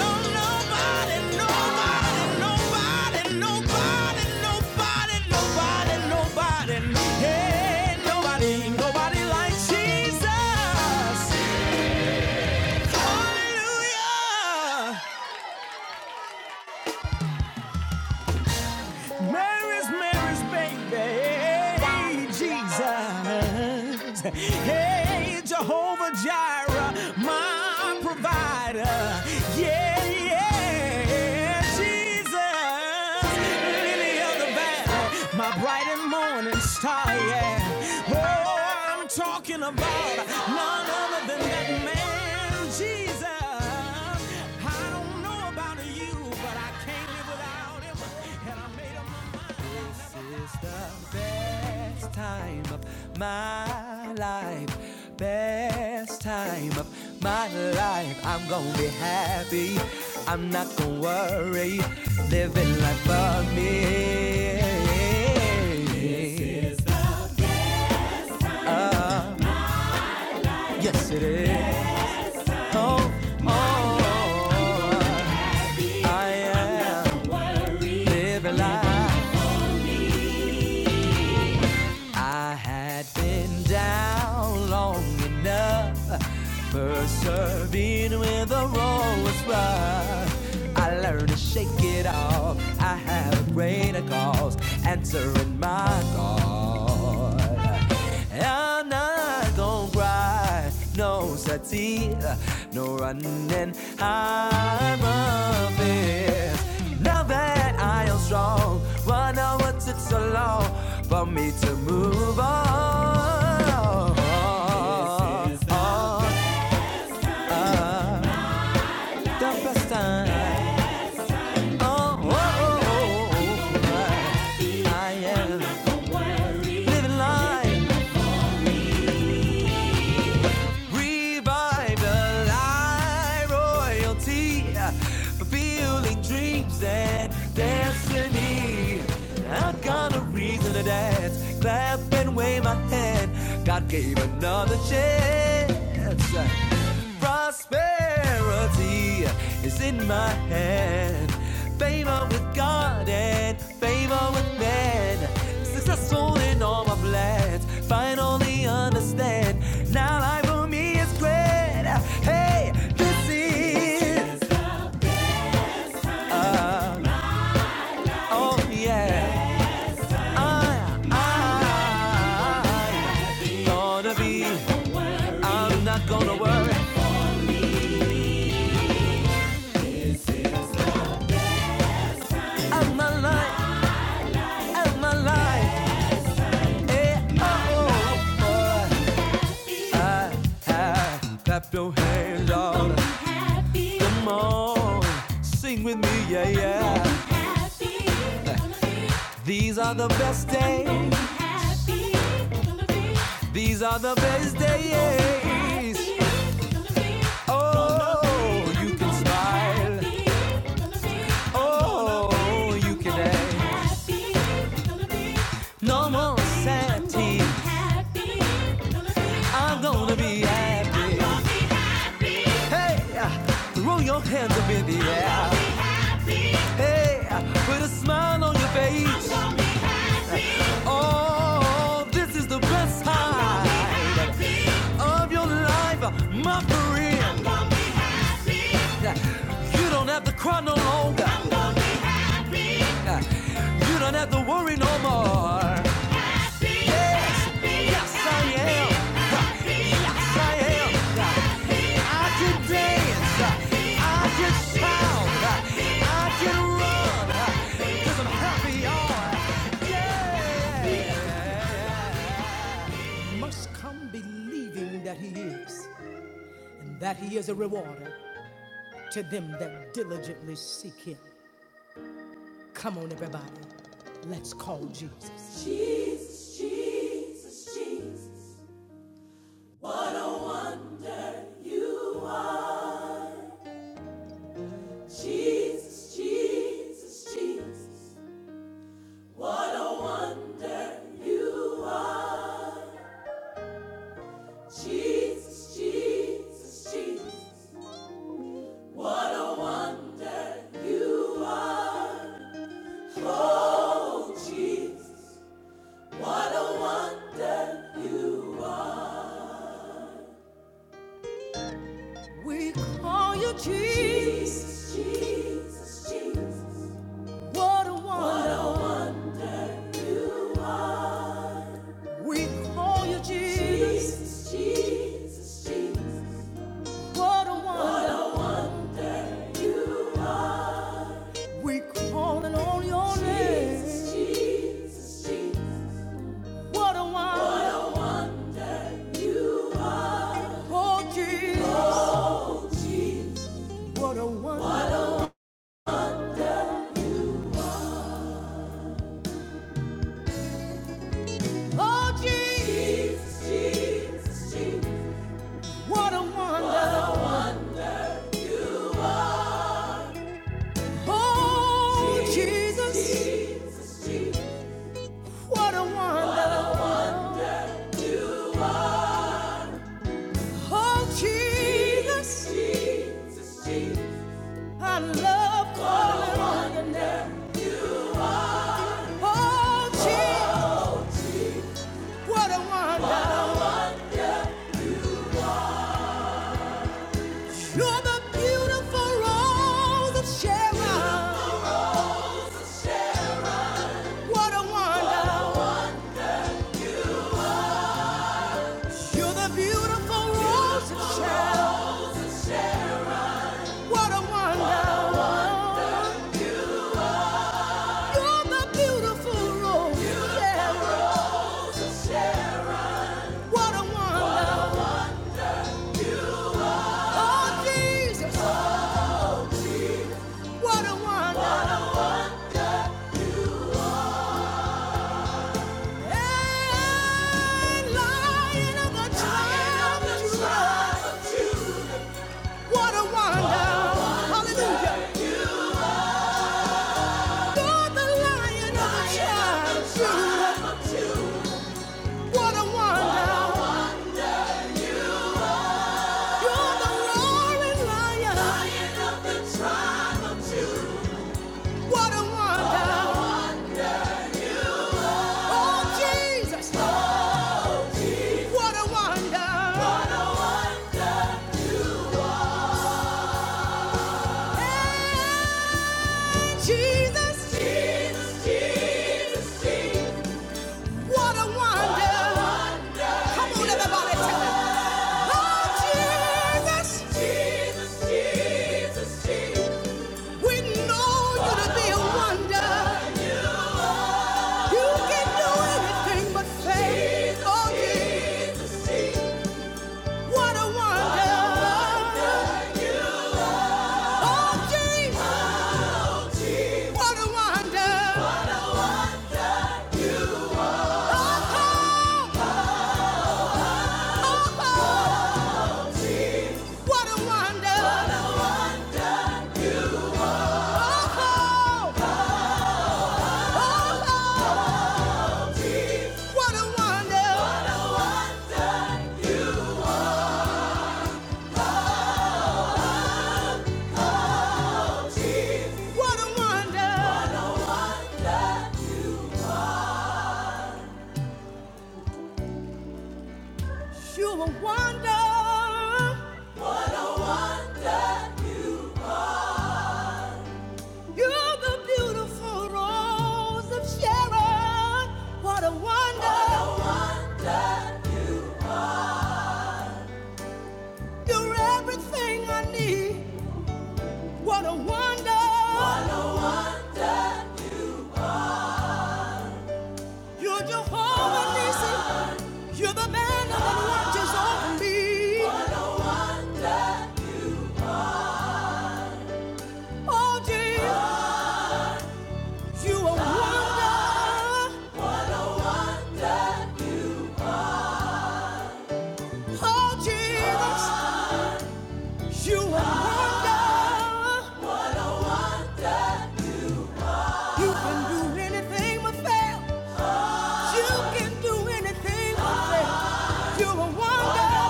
[SPEAKER 1] no, nobody, nobody, nobody, nobody, nobody, nobody, nobody. Hey, nobody, nobody like Jesus. Hallelujah. Mary's Mary's baby, Hey, Jesus. Hey, Jehovah Jireh, my provider. Yeah, yeah, Jesus. Lily the valley, my bright and morning star. Yeah. Oh, I'm talking about none other than that man, Jesus. I don't know about you, but I can't live without him. Eat like Bobby. Yes. Oh, oh, oh. I had been down long enough. I learned to shake it off. I have a greater cause answering my call. I'm not gonna cry, no such tear, no running out of it. Now that I am strong, one hour took so long for me to move on. This is oh, the best time. Oh, oh, oh, oh, oh, I am living life. all my plans. Finally understand. Now life for me is great. Hey, this is oh yeah. I I I'm gonna be. I'm not gonna worry. I'm not like life. Oh, Hey, darling. Oh yeah. These are the best days. These are the best days. Oh, you can smile. Oh, you can ask. No more sad tears. I'm gonna be happy. Hey, uh, throw your hands up in the air. Hey, uh, put a smile on your face. Oh, this is the best time of your life, uh, my friend. You don't have to cry no longer. You don't have to worry no more. Yes, I am. I am. I can dance. I can shout. I can run. i I'm happy, you Yeah. Must come believing that he is, and that he is a rewarder to them that diligently seek him. Come on, everybody. Let's call Jesus. Jesus, Jesus, Jesus. We call you Jesus. Jesus, Jesus. Jesus. What a wonder. We call you Jesus. Jesus, Jesus. Jesus. What a wonder. We calling on your name. What a wonder. Oh, Jesus. What a wonder. Oh, Jesus. Jesus, Jesus. What a wonder. Oh, Jesus. What a wonder. Oh, Jesus. I love calling on your Oh, Jesus, what a wonder. You're the beautiful rose of Sharon. What a wonder. You're the beautiful rose of Sharon. What a wonder. You're the beautiful rose of Sharon. What a wonder. Oh, Jesus, what a wonder. Jesus, Jesus, Jesus, Jesus. What a wonder! Come on, everybody, tell me. Oh, Jesus, Jesus, Jesus. We know you to be a wonder. You can do anything but fail. Oh, Jesus, what a wonder! Oh, Jesus, what a wonder! Oh, oh, oh, oh, what a wonder! Oh, oh, oh, oh. What a wonder! What a wonder! You're a wonder! You're the beautiful rose of Sharon. What a wonder! You're everything I need. What a wonder! You're Jehovah Nissi. You're the man that watches over me. What a wonder. Oh, Jesus, you a wonder. A wonder. Oh, Jesus, you a wonder. A Wonder. You can do anything but fail. You can do anything but fail. You a wonder. A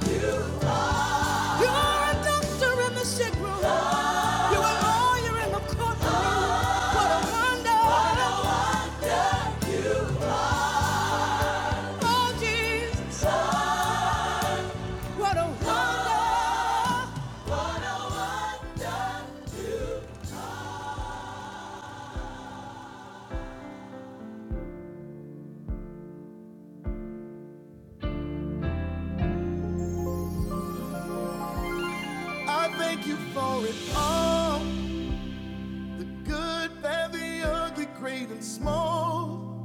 [SPEAKER 1] wonder. You are. You're a doctor in the sick room. You're a lawyer in the courtroom. What a wonder. What a wonder! You are. Oh, Jesus. What a world. I thank you for it all. The good, bad, the ugly, great and small.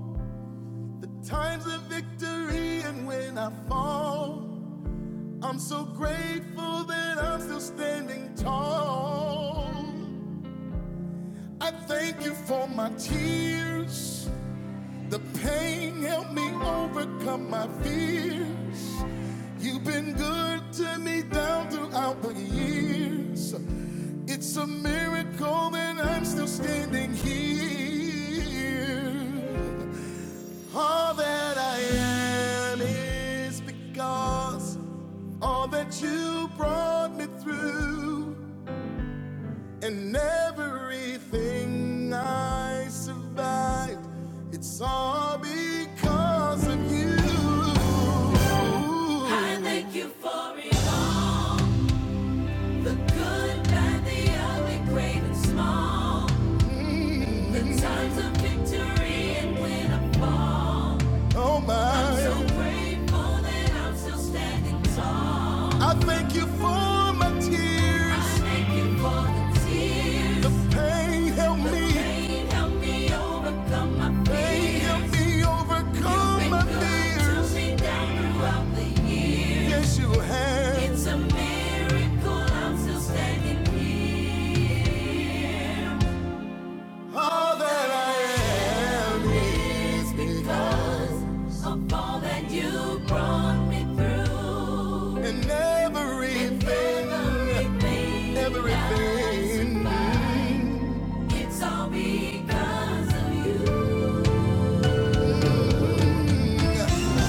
[SPEAKER 1] The times of victory and when I fall. I'm so grateful that I'm still standing tall. I thank you for my tears. The pain helped me overcome my fears. You've been good to me down throughout the years. It's a miracle that I'm still standing here. All that I am is because all that you brought me through, and everything I survived, it's all because of you. I thank you for it all the good, bad, the ugly, great, and small. Times of victory and when I fall, Oh my. I'm so my, grateful that I'm still standing tall. I thank you for my tears. Pain help me, pain help me overcome my fears. Yes, you It's have. a All that I am is because, all that you brought me through. and Everything, everything It's all because of you.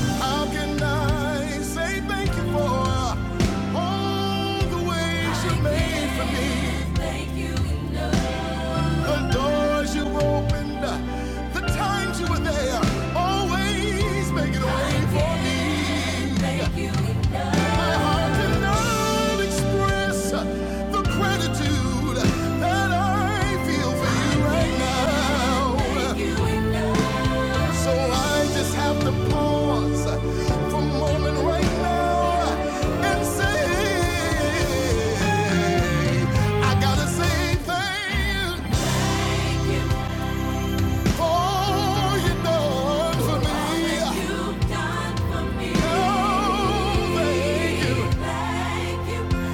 [SPEAKER 1] How can I say thank you for all the ways you I made for me? thank you enough. The doors you opened, the times you were there, always making a way for me. thank you enough. My heart cannot express the gratitude that I feel for you right can thank now. you enough. So I just have to pause from right now and say, I gotta say thank you for you done for me. All you've done for me. And Thank you. Thank you.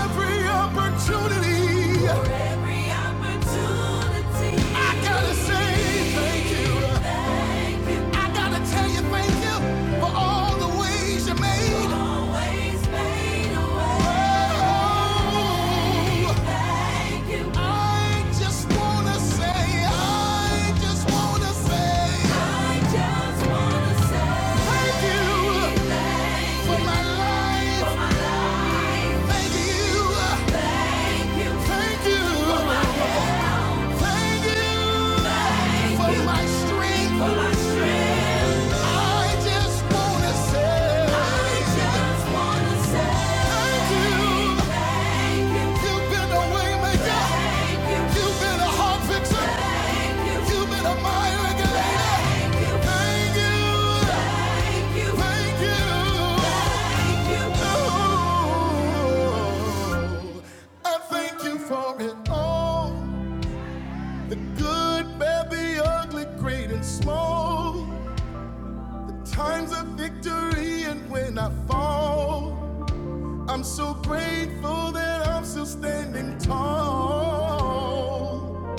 [SPEAKER 1] Every opportunity. For every opportunity. I gotta say thank you. Thank you. Thank you. Thank you for my strength. Good, bad, the ugly, great, and small. Times of victory, and when I fall, I'm so grateful that I'm still standing tall.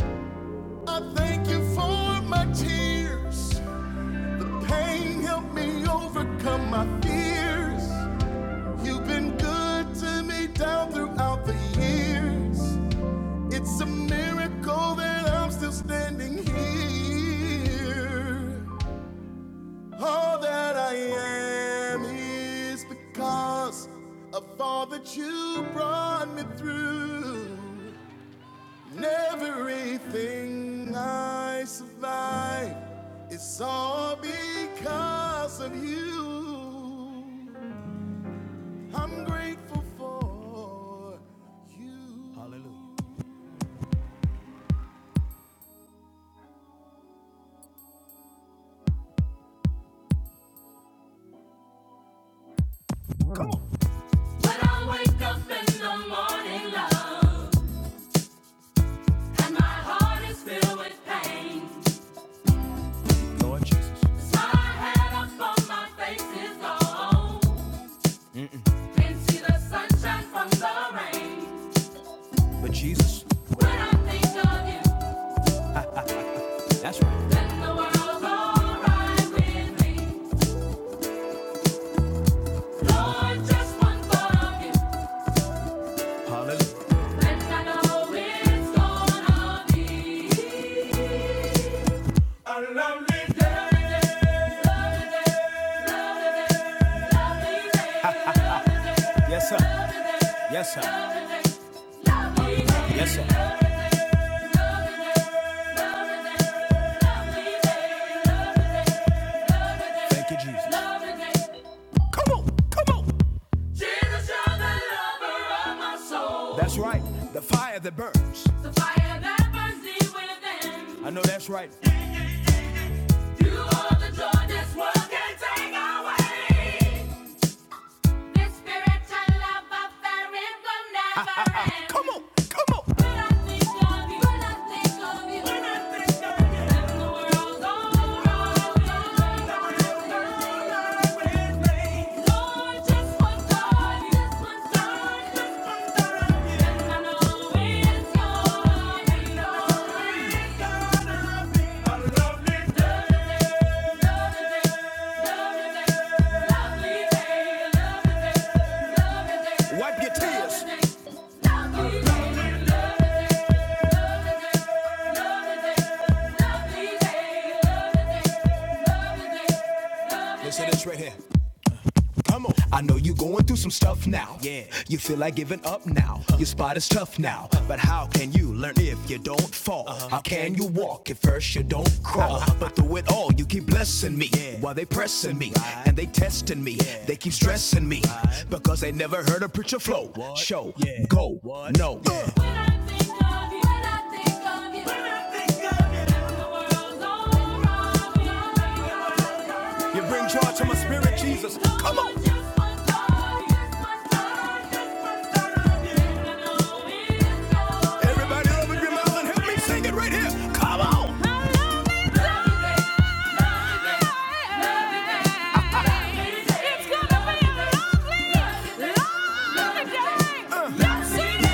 [SPEAKER 1] I thank you for my tears. The pain helped me overcome my fears. You've been good to me down throughout the years. It's a miracle that I'm still standing here. All that I am is because of all that you brought me through. And everything I survive is all because of you. I'm grateful for you. Hallelujah. When I wake up in the morning, love, and my heart is filled with pain. But Jesus, yes, sir. Yes, sir. Thank you, Jesus. Jesus, you're the lover of my soul. That's right. The fire that burns. So fight it within. I know that's right. You are the joy this world can take away. This spiritual love affair it will never ah, ah, ah. end. Come on, come on. When I think of you, when I think of you, when I think of you, then the world's over. Lord, just one thought, just one thought, just one thought, and I know it's gonna be it's gonna be a lovely day. Wipe your tears. Listen to this right here. Come on. I know you going through some stuff now. Yeah. You feel like giving up now. Uh-huh. Your spot is tough now. Uh-huh. But how can you learn if you don't fall? Uh-huh. How can you walk if first you don't crawl? Uh-huh. But through it all, you keep blessing me Yeah. while they pressing me Right. and they testing me. Yeah. They keep stressing me Right. because they never heard a preacher flow, What? show, Yeah. go, What? no. Yeah. When I think of you, when I think of you, when I think of you, When the world's on. You bring joy to my spirit, Jesus. Come on. Everybody open your mouth and help me sing it right here. Come on. Uh,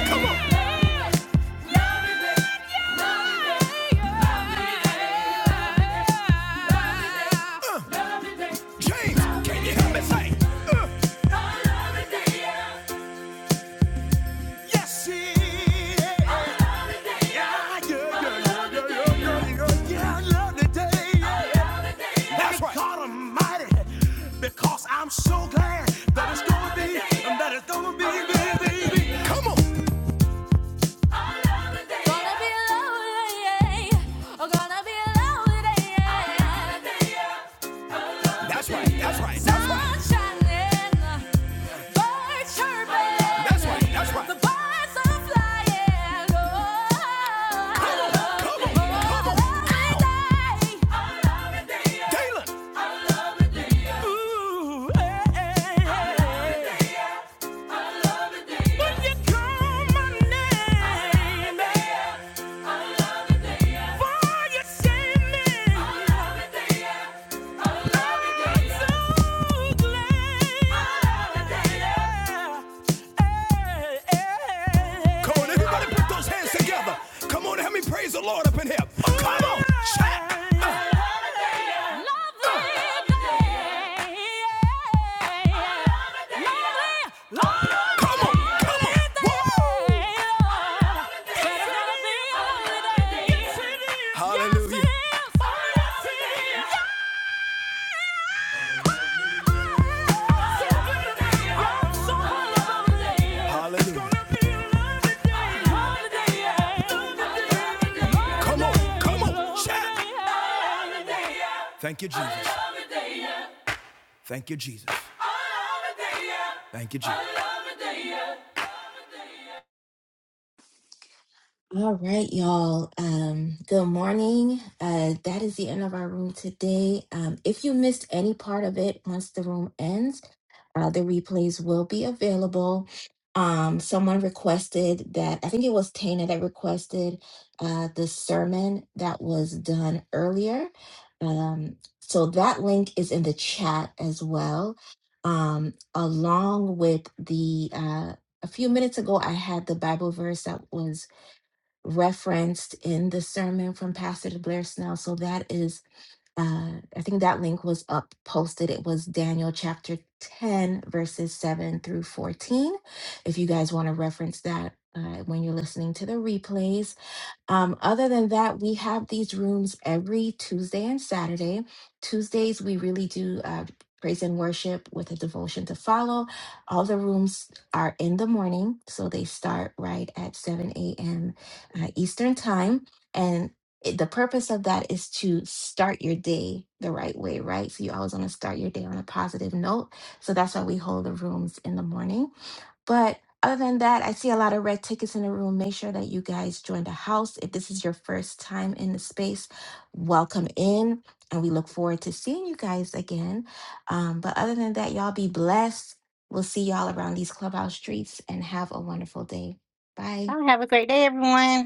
[SPEAKER 1] Come on. James, can you help me say? uh, Yes, yeah, yeah, yeah, yeah, yeah, yeah, yeah, yeah, yeah, I love the day. That's right. God Almighty, because I'm so glad that it's gonna be, and that it's gonna be, baby. Come on. Gonna be lonely, yeah. Oh, gonna be lonely, yeah. That's right. That's right. That's right. Sun shining, birds chirping. That's right. That's right. The birds are flying. Oh, Come on, come on, come on. lovely day. Taylor. Ooh, hey, hey, hey. When you call my name, for you save me. I'm so glad. Come on, everybody put those hands together. Come on, help me praise the Lord up in here. Come on, check. Uh, come on, come on. Woo! Hallelujah. Hallelujah. Come on, come on, shout. Thank you, Jesus. Thank you, Jesus. Thank you, Jesus.
[SPEAKER 2] All right, y'all. Um, good morning. Uh, that is the end of our room today. Um, if you missed any part of it, once the room ends, uh, the replays will be available. Um, someone requested that, I think it was Tana that requested uh, the sermon that was done earlier. Um, so that link is in the chat as well, um, along with the, uh, a few minutes ago, I had the Bible verse that was referenced in the sermon from Pastor Blair Snell. So that is, uh, I think that link was up posted. It was Daniel chapter 10, verses 7 through 14. If you guys want to reference that uh, when you're listening to the replays, um, other than that, we have these rooms every Tuesday and Saturday. Tuesdays, we really do uh, praise and worship with a devotion to follow. All the rooms are in the morning, so they start right at 7 a.m. Uh, Eastern Time. And it- the purpose of that is to start your day the right way, right? So you always want to start your day on a positive note. So that's why we hold the rooms in the morning. But other than that, I see a lot of red tickets in the room. Make sure that you guys join the house. If this is your first time in the space, welcome in. And we look forward to seeing you guys again. Um, but other than that, y'all be blessed. We'll see y'all around these clubhouse streets and have a wonderful day. Bye.
[SPEAKER 3] Y'all Have a great day, everyone.